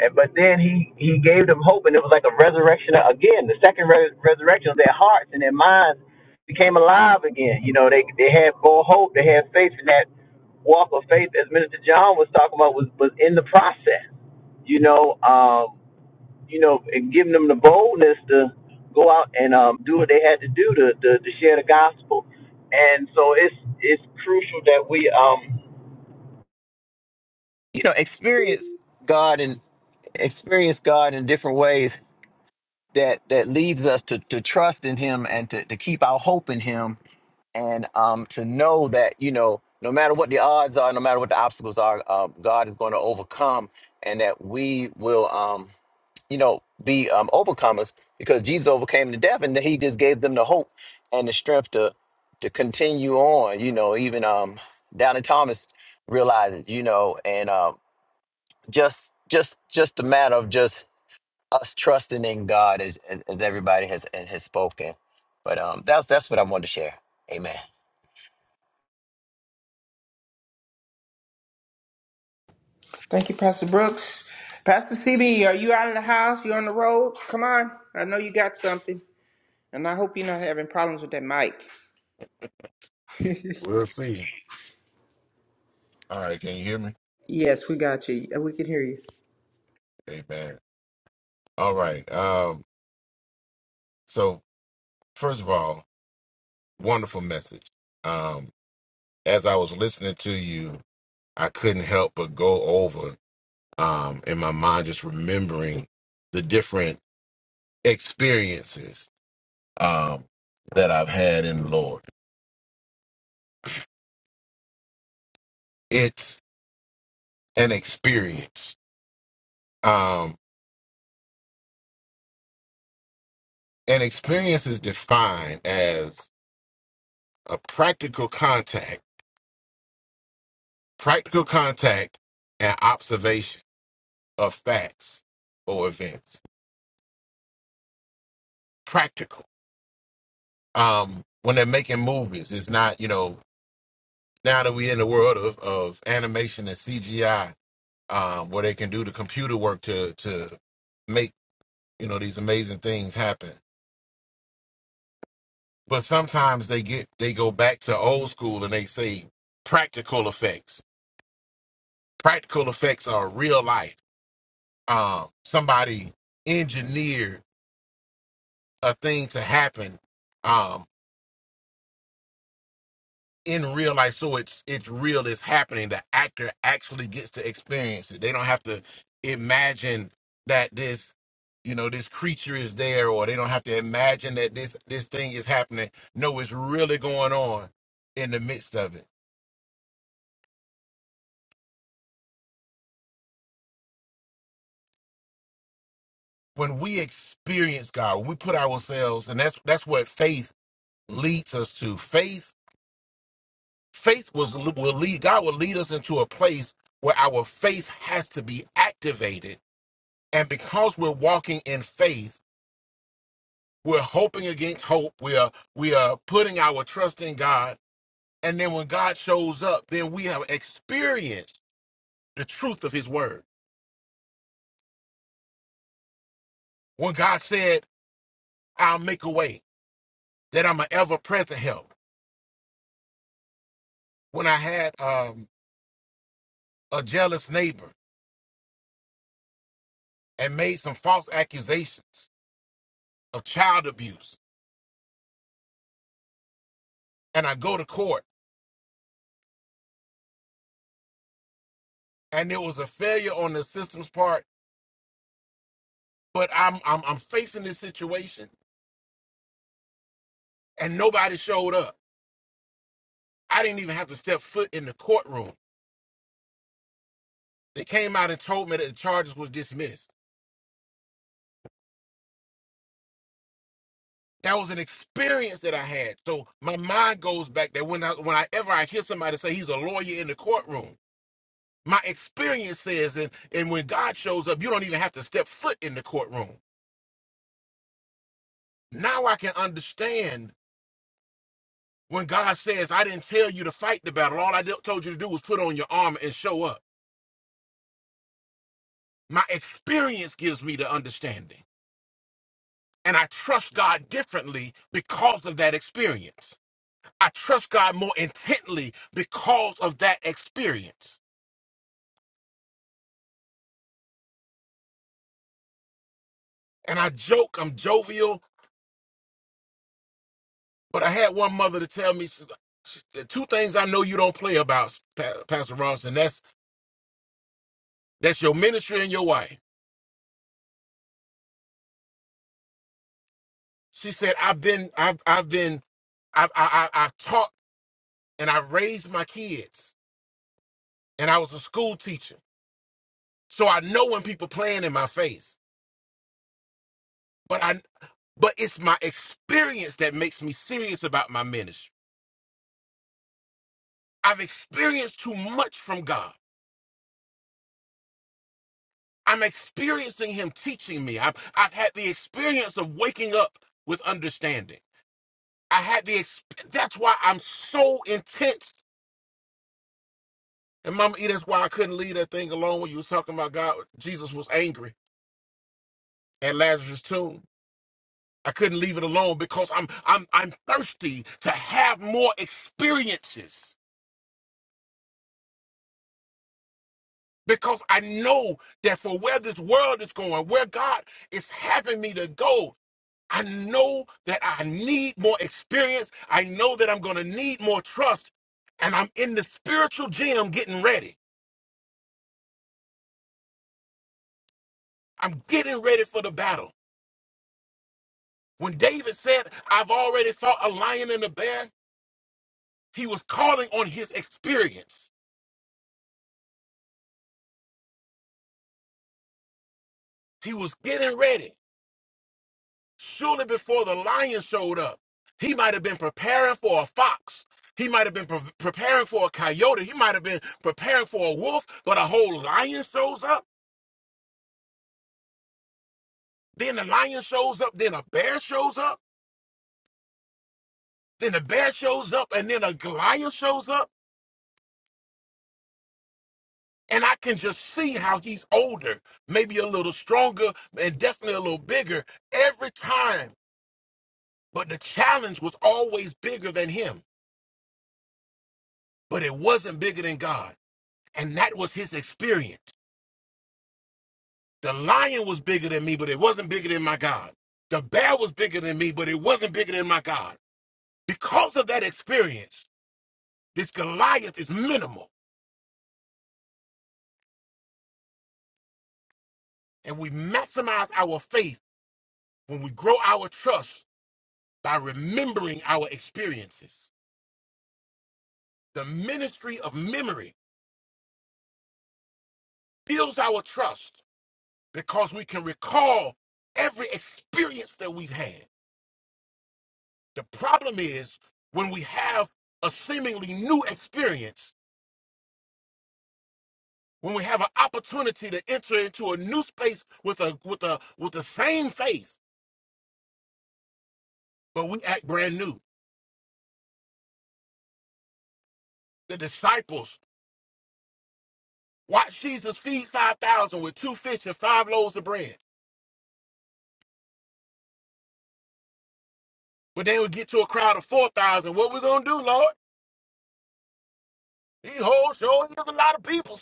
And, but then he he gave them hope, and it was like a resurrection again. The second res- resurrection of their hearts and their minds became alive again. You know, they they had more hope, they had faith in that walk of faith, as Minister John was talking about, was, was in the process. You know, um, you know, and giving them the boldness to go out and um, do what they had to do to, to, to share the gospel. And so it's it's crucial that we um you know experience God and experience God in different ways that that leads us to to trust in Him and to, to keep our hope in Him and um, to know that you know no matter what the odds are no matter what the obstacles are uh, god is going to overcome and that we will um, you know be um, overcomers because jesus overcame the death and then he just gave them the hope and the strength to to continue on you know even um down thomas realizes you know and um just just just a matter of just us trusting in god as as as everybody has has spoken but um that's that's what i wanted to share amen Thank you, Pastor Brooks. Pastor CB, are you out of the house? You on the road? Come on. I know you got something, and I hope you're not having problems with that mic. We'll see. All right, can you hear me? Yes, we got you. We can hear you. Amen. All right. Um, so first of all, wonderful message. Um, as I was listening to you, I couldn't help but go over um in my mind just remembering the different experiences um that I've had in the Lord. It's an experience. Um, an experience is defined as a practical contact, practical contact and observation of facts or events. Practical. Um, when they're making movies, it's not, you know, now that we're in the world of, of animation and CGI, um, where they can do the computer work to to make, you know, these amazing things happen. But sometimes they get they go back to old school and they say practical effects. Practical effects are real life. Um, somebody engineered a thing to happen um, in real life so it's it's real it's happening the actor actually gets to experience it they don't have to imagine that this you know this creature is there or they don't have to imagine that this this thing is happening no it's really going on in the midst of it when we experience god when we put ourselves and that's that's what faith leads us to faith faith was will lead god will lead us into a place where our faith has to be activated and because we're walking in faith We're hoping against hope. We are we are putting our trust in God. And then when God shows up, then we have experienced the truth of his word. When God said, I'll make a way, that I'm an ever present help. When I had um, a jealous neighbor and made some false accusations of child abuse, and I go to court, and it was a failure on the system's part, but I'm I'm, I'm facing this situation and nobody showed up. I didn't even have to step foot in the courtroom They came out and told me that the charges was dismissed. That was an experience that I had. So my mind goes back that when I whenever I hear somebody say he's a lawyer in the courtroom, my experience says and and when God shows up, you don't even have to step foot in the courtroom. Now I can understand when God says, I didn't tell you to fight the battle. All I did- told you to do was put on your armor and show up. My experience gives me the understanding. And I trust God differently because of that experience. I trust God more intently because of that experience. And I joke, I'm jovial, but I had one mother to tell me she's like, she- the two things I know you don't play about, Pa- Pastor Ronson. That's that's your ministry and your wife. She said, I've been, I've, I've been, I've, I, I, I've taught and I've raised my kids, and I was a school teacher, so I know when people playing in my face. But I, but it's my experience that makes me serious about my ministry. I've experienced too much from God. I'm experiencing him teaching me. I've, I've had the experience of waking up with understanding. I had the, exp- that's why I'm so intense. And Mama E, that's why I couldn't leave that thing alone when you was talking about God. Jesus was angry at Lazarus' tomb. I couldn't leave it alone because I'm, I'm, I'm thirsty to have more experiences because I know that for where this world is going, where God is having me to go, I know that I need more experience. I know that I'm going to need more trust. And I'm in the spiritual gym getting ready. I'm getting ready for the battle. When David said, I've already fought a lion and a bear, he was calling on his experience. He was getting ready. Surely before the lion showed up, he might have been preparing for a fox. He might have been pre- preparing for a coyote. He might have been preparing for a wolf, but a whole lion shows up. Then the lion shows up, then a bear shows up, then the bear shows up, and then a Goliath shows up. And I can just see how he's older, maybe a little stronger, and definitely a little bigger every time. But the challenge was always bigger than him, but it wasn't bigger than God. And that was his experience. The lion was bigger than me, but it wasn't bigger than my God. The bear was bigger than me, but it wasn't bigger than my God. Because of that experience, this Goliath is minimal And we maximize our faith when we grow our trust by remembering our experiences. The ministry of memory builds our trust because we can recall every experience that we've had. The problem is when we have a seemingly new experience, when we have an opportunity to enter into a new space with a with a with the same faith, but we act brand new. The disciples watch Jesus feed 5,000 with two fish and five loaves of bread But they would get to a crowd of 4,000. What we going to do, Lord? These whole show is a lot of people.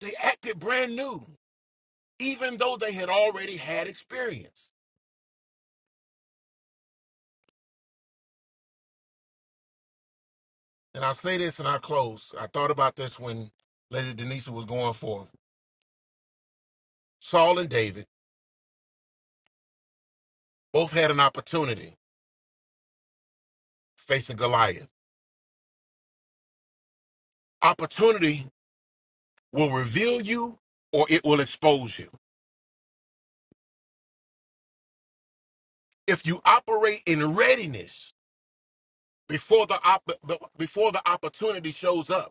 They acted brand new, even though they had already had experience. And I say this and I close. I thought about this when Lady Denisa was going forth. Saul and David both had an opportunity facing Goliath. Opportunity will reveal you or it will expose you. If you operate in readiness before the, op- before the opportunity shows up,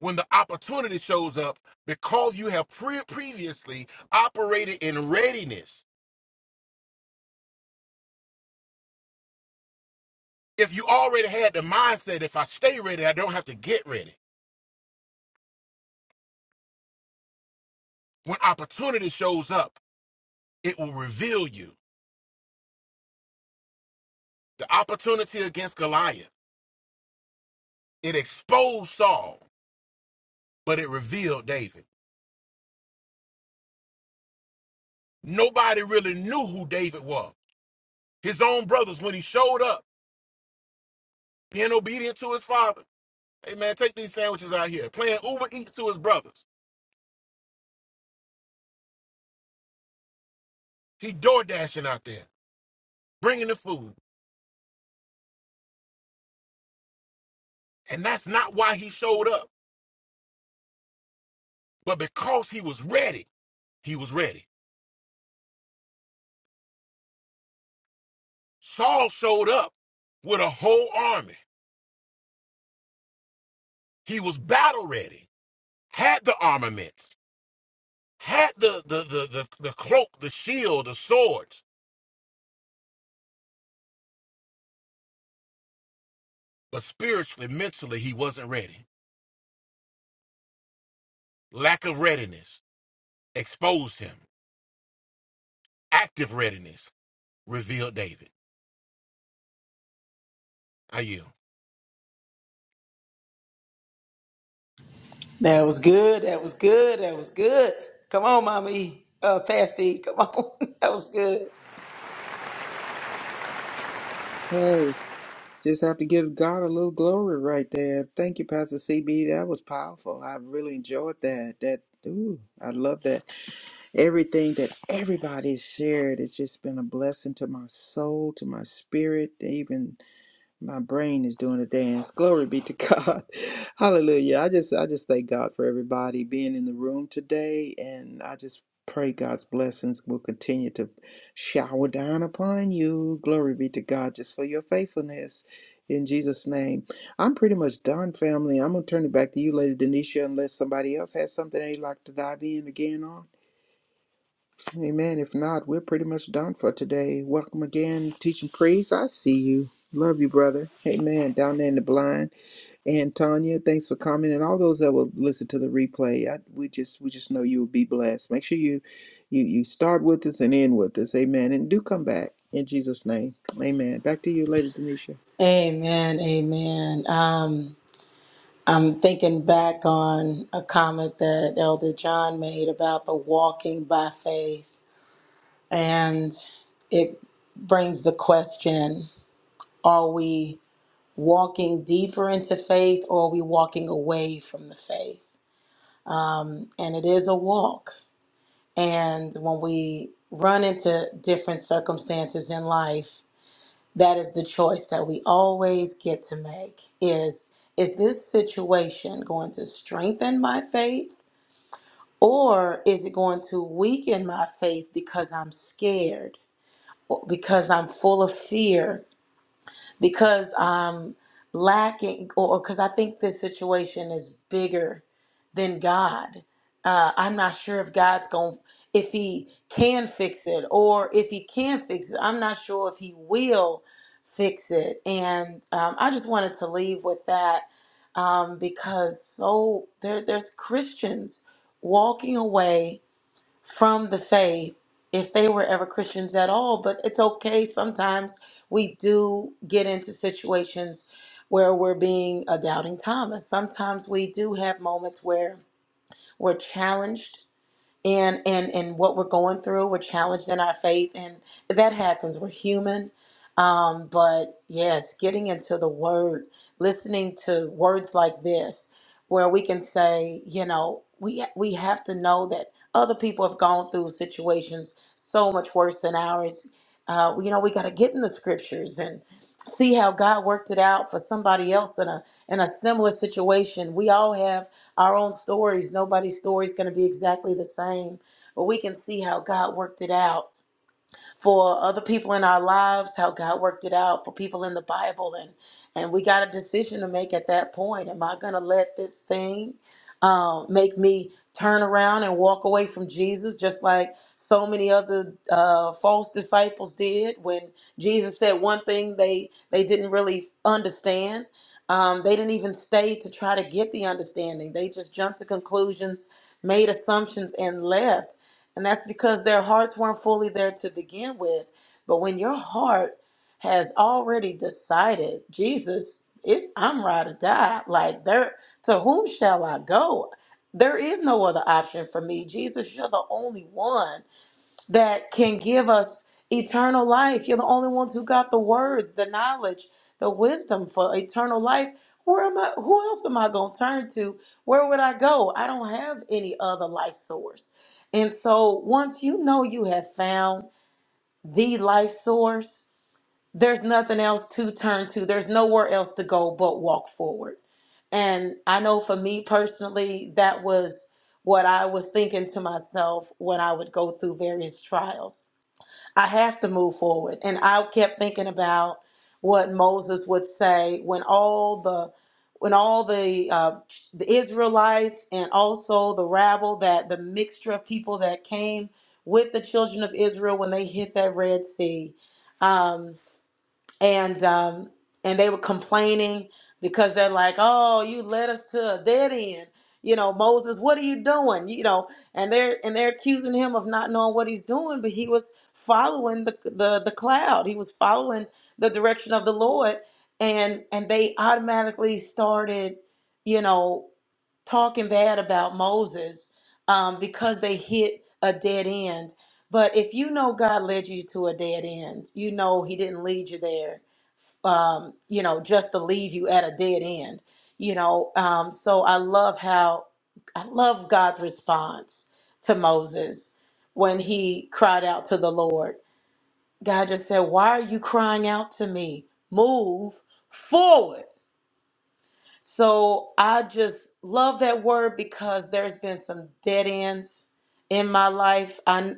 when the opportunity shows up because you have pre- previously operated in readiness. If you already had the mindset, if I stay ready, I don't have to get ready. When opportunity shows up, it will reveal you. The opportunity against Goliath, it exposed Saul, but it revealed David. Nobody really knew who David was. His own brothers, when he showed up, being obedient to his father, hey man, take these sandwiches out here, playing Uber Eats to his brothers. He door dashing out there bringing the food. And that's not why he showed up. But because he was ready, he was ready. Saul showed up with a whole army. He was battle ready, had the armaments, had the, the, the, the, the cloak, the shield, the swords. But spiritually, mentally, he wasn't ready. Lack of readiness exposed him. Active readiness revealed David. I yield. That was good. That was good. That was good. Come on, mommy. Uh, Pasty, come on. *laughs* that was good. Hey, just have to give God a little glory right there. Thank you, Pastor CB. That was powerful. I really enjoyed that. That ooh, I love that. Everything that everybody shared has just been a blessing to my soul, to my spirit, even My brain is doing a dance. *laughs* Glory be to God. *laughs* Hallelujah. I just I just thank God for everybody being in the room today and I just pray God's blessings will continue to shower down upon you. Glory be to God just for your faithfulness in Jesus name. I'm pretty much done family. I'm going to turn it back to you Lady Denisha unless somebody else has something they'd like to dive in again on. Amen. If not, we're pretty much done for today. Welcome again, teaching priest. I see you. Love you, brother. Amen. Down there in the blind. And Tanya, thanks for coming. And all those that will listen to the replay. I, we just we just know you will be blessed. Make sure you you you start with us and end with us. Amen. And do come back in Jesus' name. Amen. Back to you, Lady Denisha. Amen. Amen. Um, I'm thinking back on a comment that Elder John made about the walking by faith, and it brings the question: Are we walking deeper into faith, or are we walking away from the faith? Um, and it is a walk. And when we run into different circumstances in life, that is the choice that we always get to make is is this situation going to strengthen my faith or is it going to weaken my faith because I'm scared or because I'm full of fear because I'm lacking, or because I think this situation is bigger than God. Uh, I'm not sure if God's going, to if He can fix it, or if He can fix it. I'm not sure if He will fix it. And um, I just wanted to leave with that um, because so there, there's Christians walking away from the faith if they were ever Christians at all. But it's okay. Sometimes we do get into situations where we're being a doubting Thomas. Sometimes we do have moments where we're challenged and and and what we're going through we're challenged in our faith and that happens we're human um but yes getting into the word listening to words like this where we can say you know we we have to know that other people have gone through situations so much worse than ours uh you know we got to get in the scriptures and see how God worked it out for somebody else in a in a similar situation we all have our own stories. Nobody's story is going to be exactly the same, but we can see how God worked it out for other people in our lives, how God worked it out for people in the Bible, and and we got a decision to make at that point. Am I going to let this thing um, make me turn around and walk away from Jesus, just like so many other uh, false disciples did when Jesus said one thing they they didn't really understand. Um, they didn't even stay to try to get the understanding. They just jumped to conclusions, made assumptions, and left and that's because their hearts weren't fully there to begin with. But when your heart has already decided, Jesus, it's I'm ride or die. Like there to whom shall I go? There is no other option for me. Jesus, you're the only one that can give us eternal life. You're the only ones who got the words, the knowledge, the wisdom for eternal life. Where am I? Who else am I going to turn to? Where would I go? I don't have any other life source. And so once you know you have found the life source, there's nothing else to turn to. There's nowhere else to go but walk forward. And I know for me personally, that was what I was thinking to myself when I would go through various trials I have to move forward. And I kept thinking about what Moses would say when all the when all the uh, the Israelites and also the rabble that the mixture of people that came with the children of Israel when they hit that Red Sea. um, and um and they were complaining because they're like oh you led us to a dead end you know moses what are you doing you know and they're and they're accusing him of not knowing what he's doing but he was following the the, the cloud he was following the direction of the lord and and they automatically started you know talking bad about Moses um, because they hit a dead end. But if you know God led you to a dead end, you know He didn't lead you there, um, you know, just to leave you at a dead end, you know. Um, so I love how, I love God's response to Moses when he cried out to the Lord. God just said, Why are you crying out to me? Move forward so I just love that word because there's been some dead ends in my life. I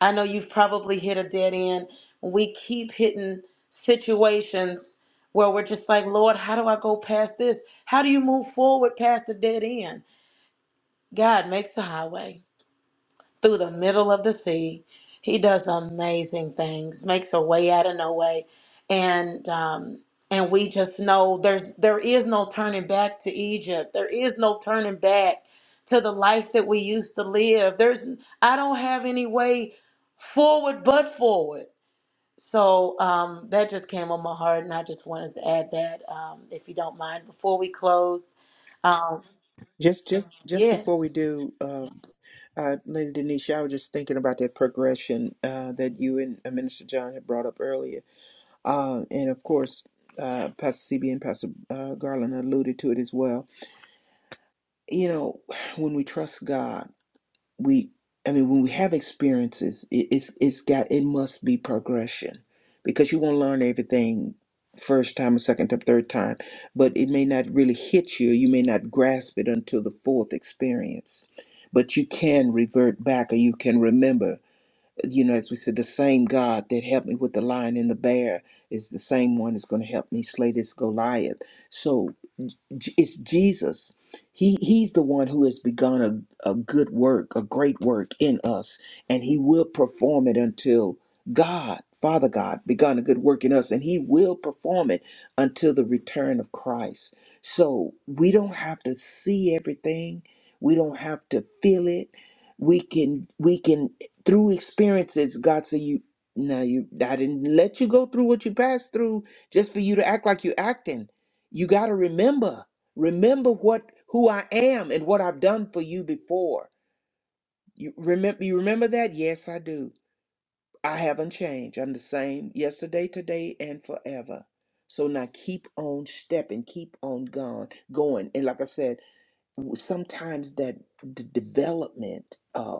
I know you've probably hit a dead end. We keep hitting situations where we're just like, Lord, how do I go past this? How do you move forward past the dead end? God makes a highway through the middle of the sea. He does amazing things, makes a way out of no way, and um, and we just know there's there is no turning back to Egypt. There is no turning back to the life that we used to live. There's I don't have any way forward but forward. So um, that just came on my heart, and I just wanted to add that, um, if you don't mind, before we close. Um, Just just just before yes. we do, um, uh, Lady Denisha, I was just thinking about that progression uh, that you and uh, Minister John had brought up earlier Uh, and of course, uh, Pastor CB and Pastor uh, Garland alluded to it as well. You know, *sighs* when we trust God, we, I mean, when we have experiences, it, it's, it's got, it must be progression because you won't learn everything first time or second time, third time, but it may not really hit you. You may not grasp it until the fourth experience, but you can revert back or you can remember you know, as we said, the same God that helped me with the lion and the bear is the same one that's going to help me slay this Goliath. So J- it's Jesus. He he's the one who has begun a, a good work, a great work in us, and he will perform it until God, Father God, begun a good work in us, and he will perform it until the return of Christ. So we don't have to see everything. We don't have to feel it. We can we can through experiences, God say you now you I didn't let you go through what you passed through just for you to act like you're acting. You got to remember. Remember what who I am and what I've done for you before. You remember you remember that? Yes, I do. I haven't changed. I'm the same yesterday, today, and forever. So now keep on stepping, keep on going, going. And like I said, w- sometimes that d- development uh,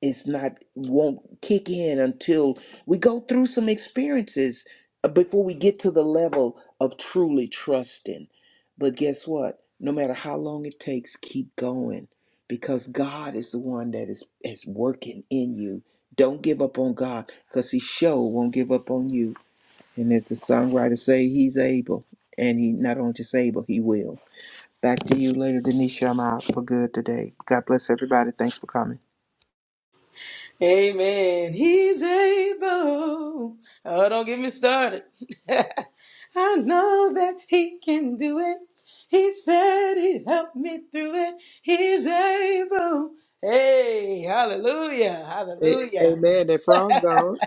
it's not won't kick in until we go through some experiences uh, before we get to the level of truly trusting but guess what no matter how long it takes keep going because god is the one that is is working in you don't give up on god because he sure won't give up on you and as the songwriter say he's able and he not only just able he will back to you later denisha i'm out for good today god bless everybody thanks for coming Amen. He's able. Oh, don't get me started. *laughs* I know that he can do it. He said he'd help me through it. He's able. Hey, hallelujah. A- Hallelujah. Amen. That frog gone.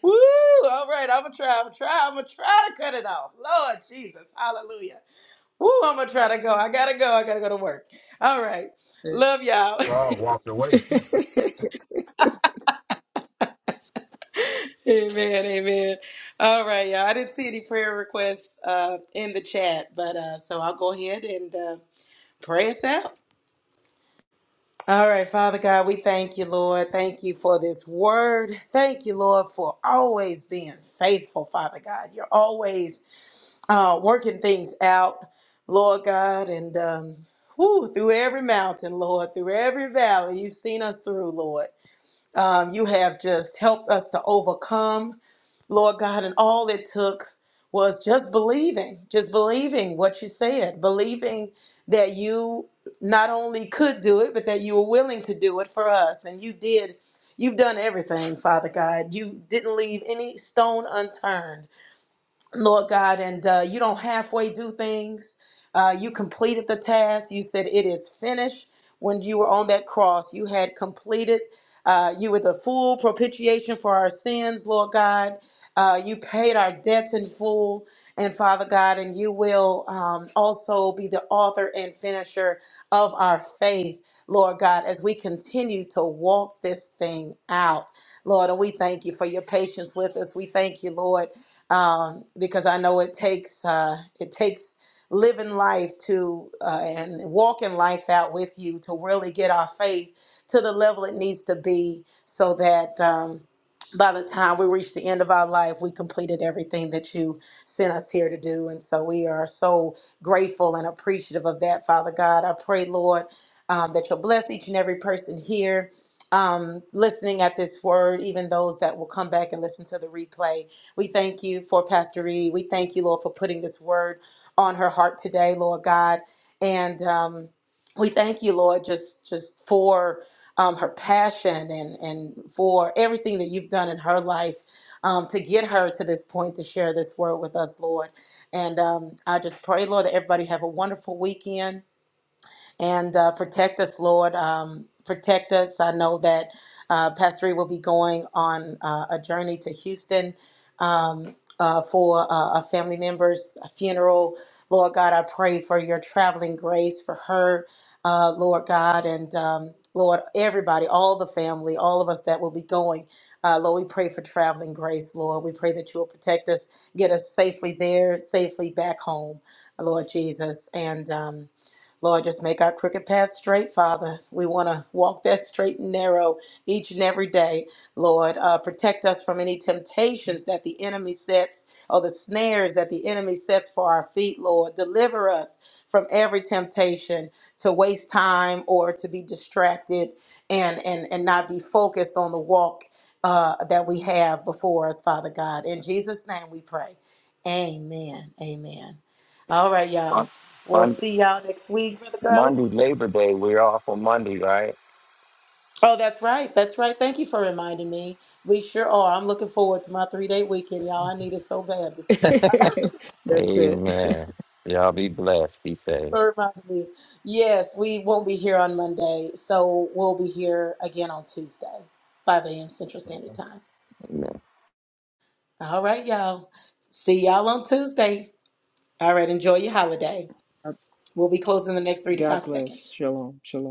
Woo! All right, I'm gonna try. I'm gonna try. I'm gonna try to cut it off. Lord Jesus. Hallelujah. Woo, I'm gonna try to go. I gotta go. I gotta go to work. All right. Love y'all. Saul walked away. *laughs* Amen, amen. All right, y'all. I didn't see any prayer requests uh, in the chat, but uh, so I'll go ahead and uh, pray us out. All right, Father God, we thank you, Lord. Thank you for this word. Thank you, Lord, for always being faithful, Father God. You're always uh, working things out, Lord God, and um, whew, through every mountain, Lord, through every valley, you've seen us through, Lord. Um, you have just helped us to overcome, Lord God, and all it took was just believing, just believing what you said, believing that you not only could do it, but that you were willing to do it for us. And you did, you've done everything, Father God. You didn't leave any stone unturned. Lord God, and uh, you don't halfway do things. Uh, you completed the task. You said it is finished. When you were on that cross, you had completed. Uh, you were the full propitiation for our sins, Lord God. Uh, you paid our debts in full, and Father God, and you will um, also be the author and finisher of our faith, Lord God, as we continue to walk this thing out, Lord. And we thank you for your patience with us. We thank you, Lord um, because I know it takes uh, it takes living life to uh, and walking life out with you to really get our faith to the level it needs to be, so that um, by the time we reach the end of our life, we completed everything that you sent us here to do, and so we are so grateful and appreciative of that, Father God. I pray, Lord, um, that you'll bless each and every person here. Um, listening at this word, even those that will come back and listen to the replay. We thank you for Pastor Reed. We thank you, Lord, for putting this word on her heart today, Lord God. And um, we thank you, Lord, just just for um, her passion and and for everything that you've done in her life um, to get her to this point to share this word with us, Lord. And um, I just pray, Lord, that everybody have a wonderful weekend and uh, protect us, Lord. Um, protect us. I know that uh, Pastor Reed will be going on uh, a journey to Houston um, uh, for uh, a family member's funeral. Lord God, I pray for your traveling grace for her, uh, Lord God, and um, Lord, everybody, all the family, all of us that will be going. Uh, Lord, we pray for traveling grace, Lord. We pray that you will protect us, get us safely there, safely back home, Lord Jesus. And um, Lord, just make our crooked path straight, Father. We want to walk that straight and narrow each and every day. Lord, uh, protect us from any temptations that the enemy sets or the snares that the enemy sets for our feet, Lord. Deliver us from every temptation to waste time or to be distracted and, and, and not be focused on the walk uh, that we have before us, Father God. In Jesus' name we pray. Amen. Amen. All right, y'all. We'll Fun, see y'all next week, Brother Garland. Monday, Labor Day. We're off on Monday, right? Oh, that's right. That's right. Thank you for reminding me. We sure are. I'm looking forward to my three day weekend, y'all. I need it so badly. That's it. Amen. Y'all be blessed, be safe. For reminding me. Yes, we won't be here on Monday, so we'll be here again on Tuesday, 5 a.m. Central Standard Time. All right, y'all. See y'all on Tuesday. All right, enjoy your holiday. We'll be closing the next *laughs* three to God five bless. seconds. Shalom. Shalom.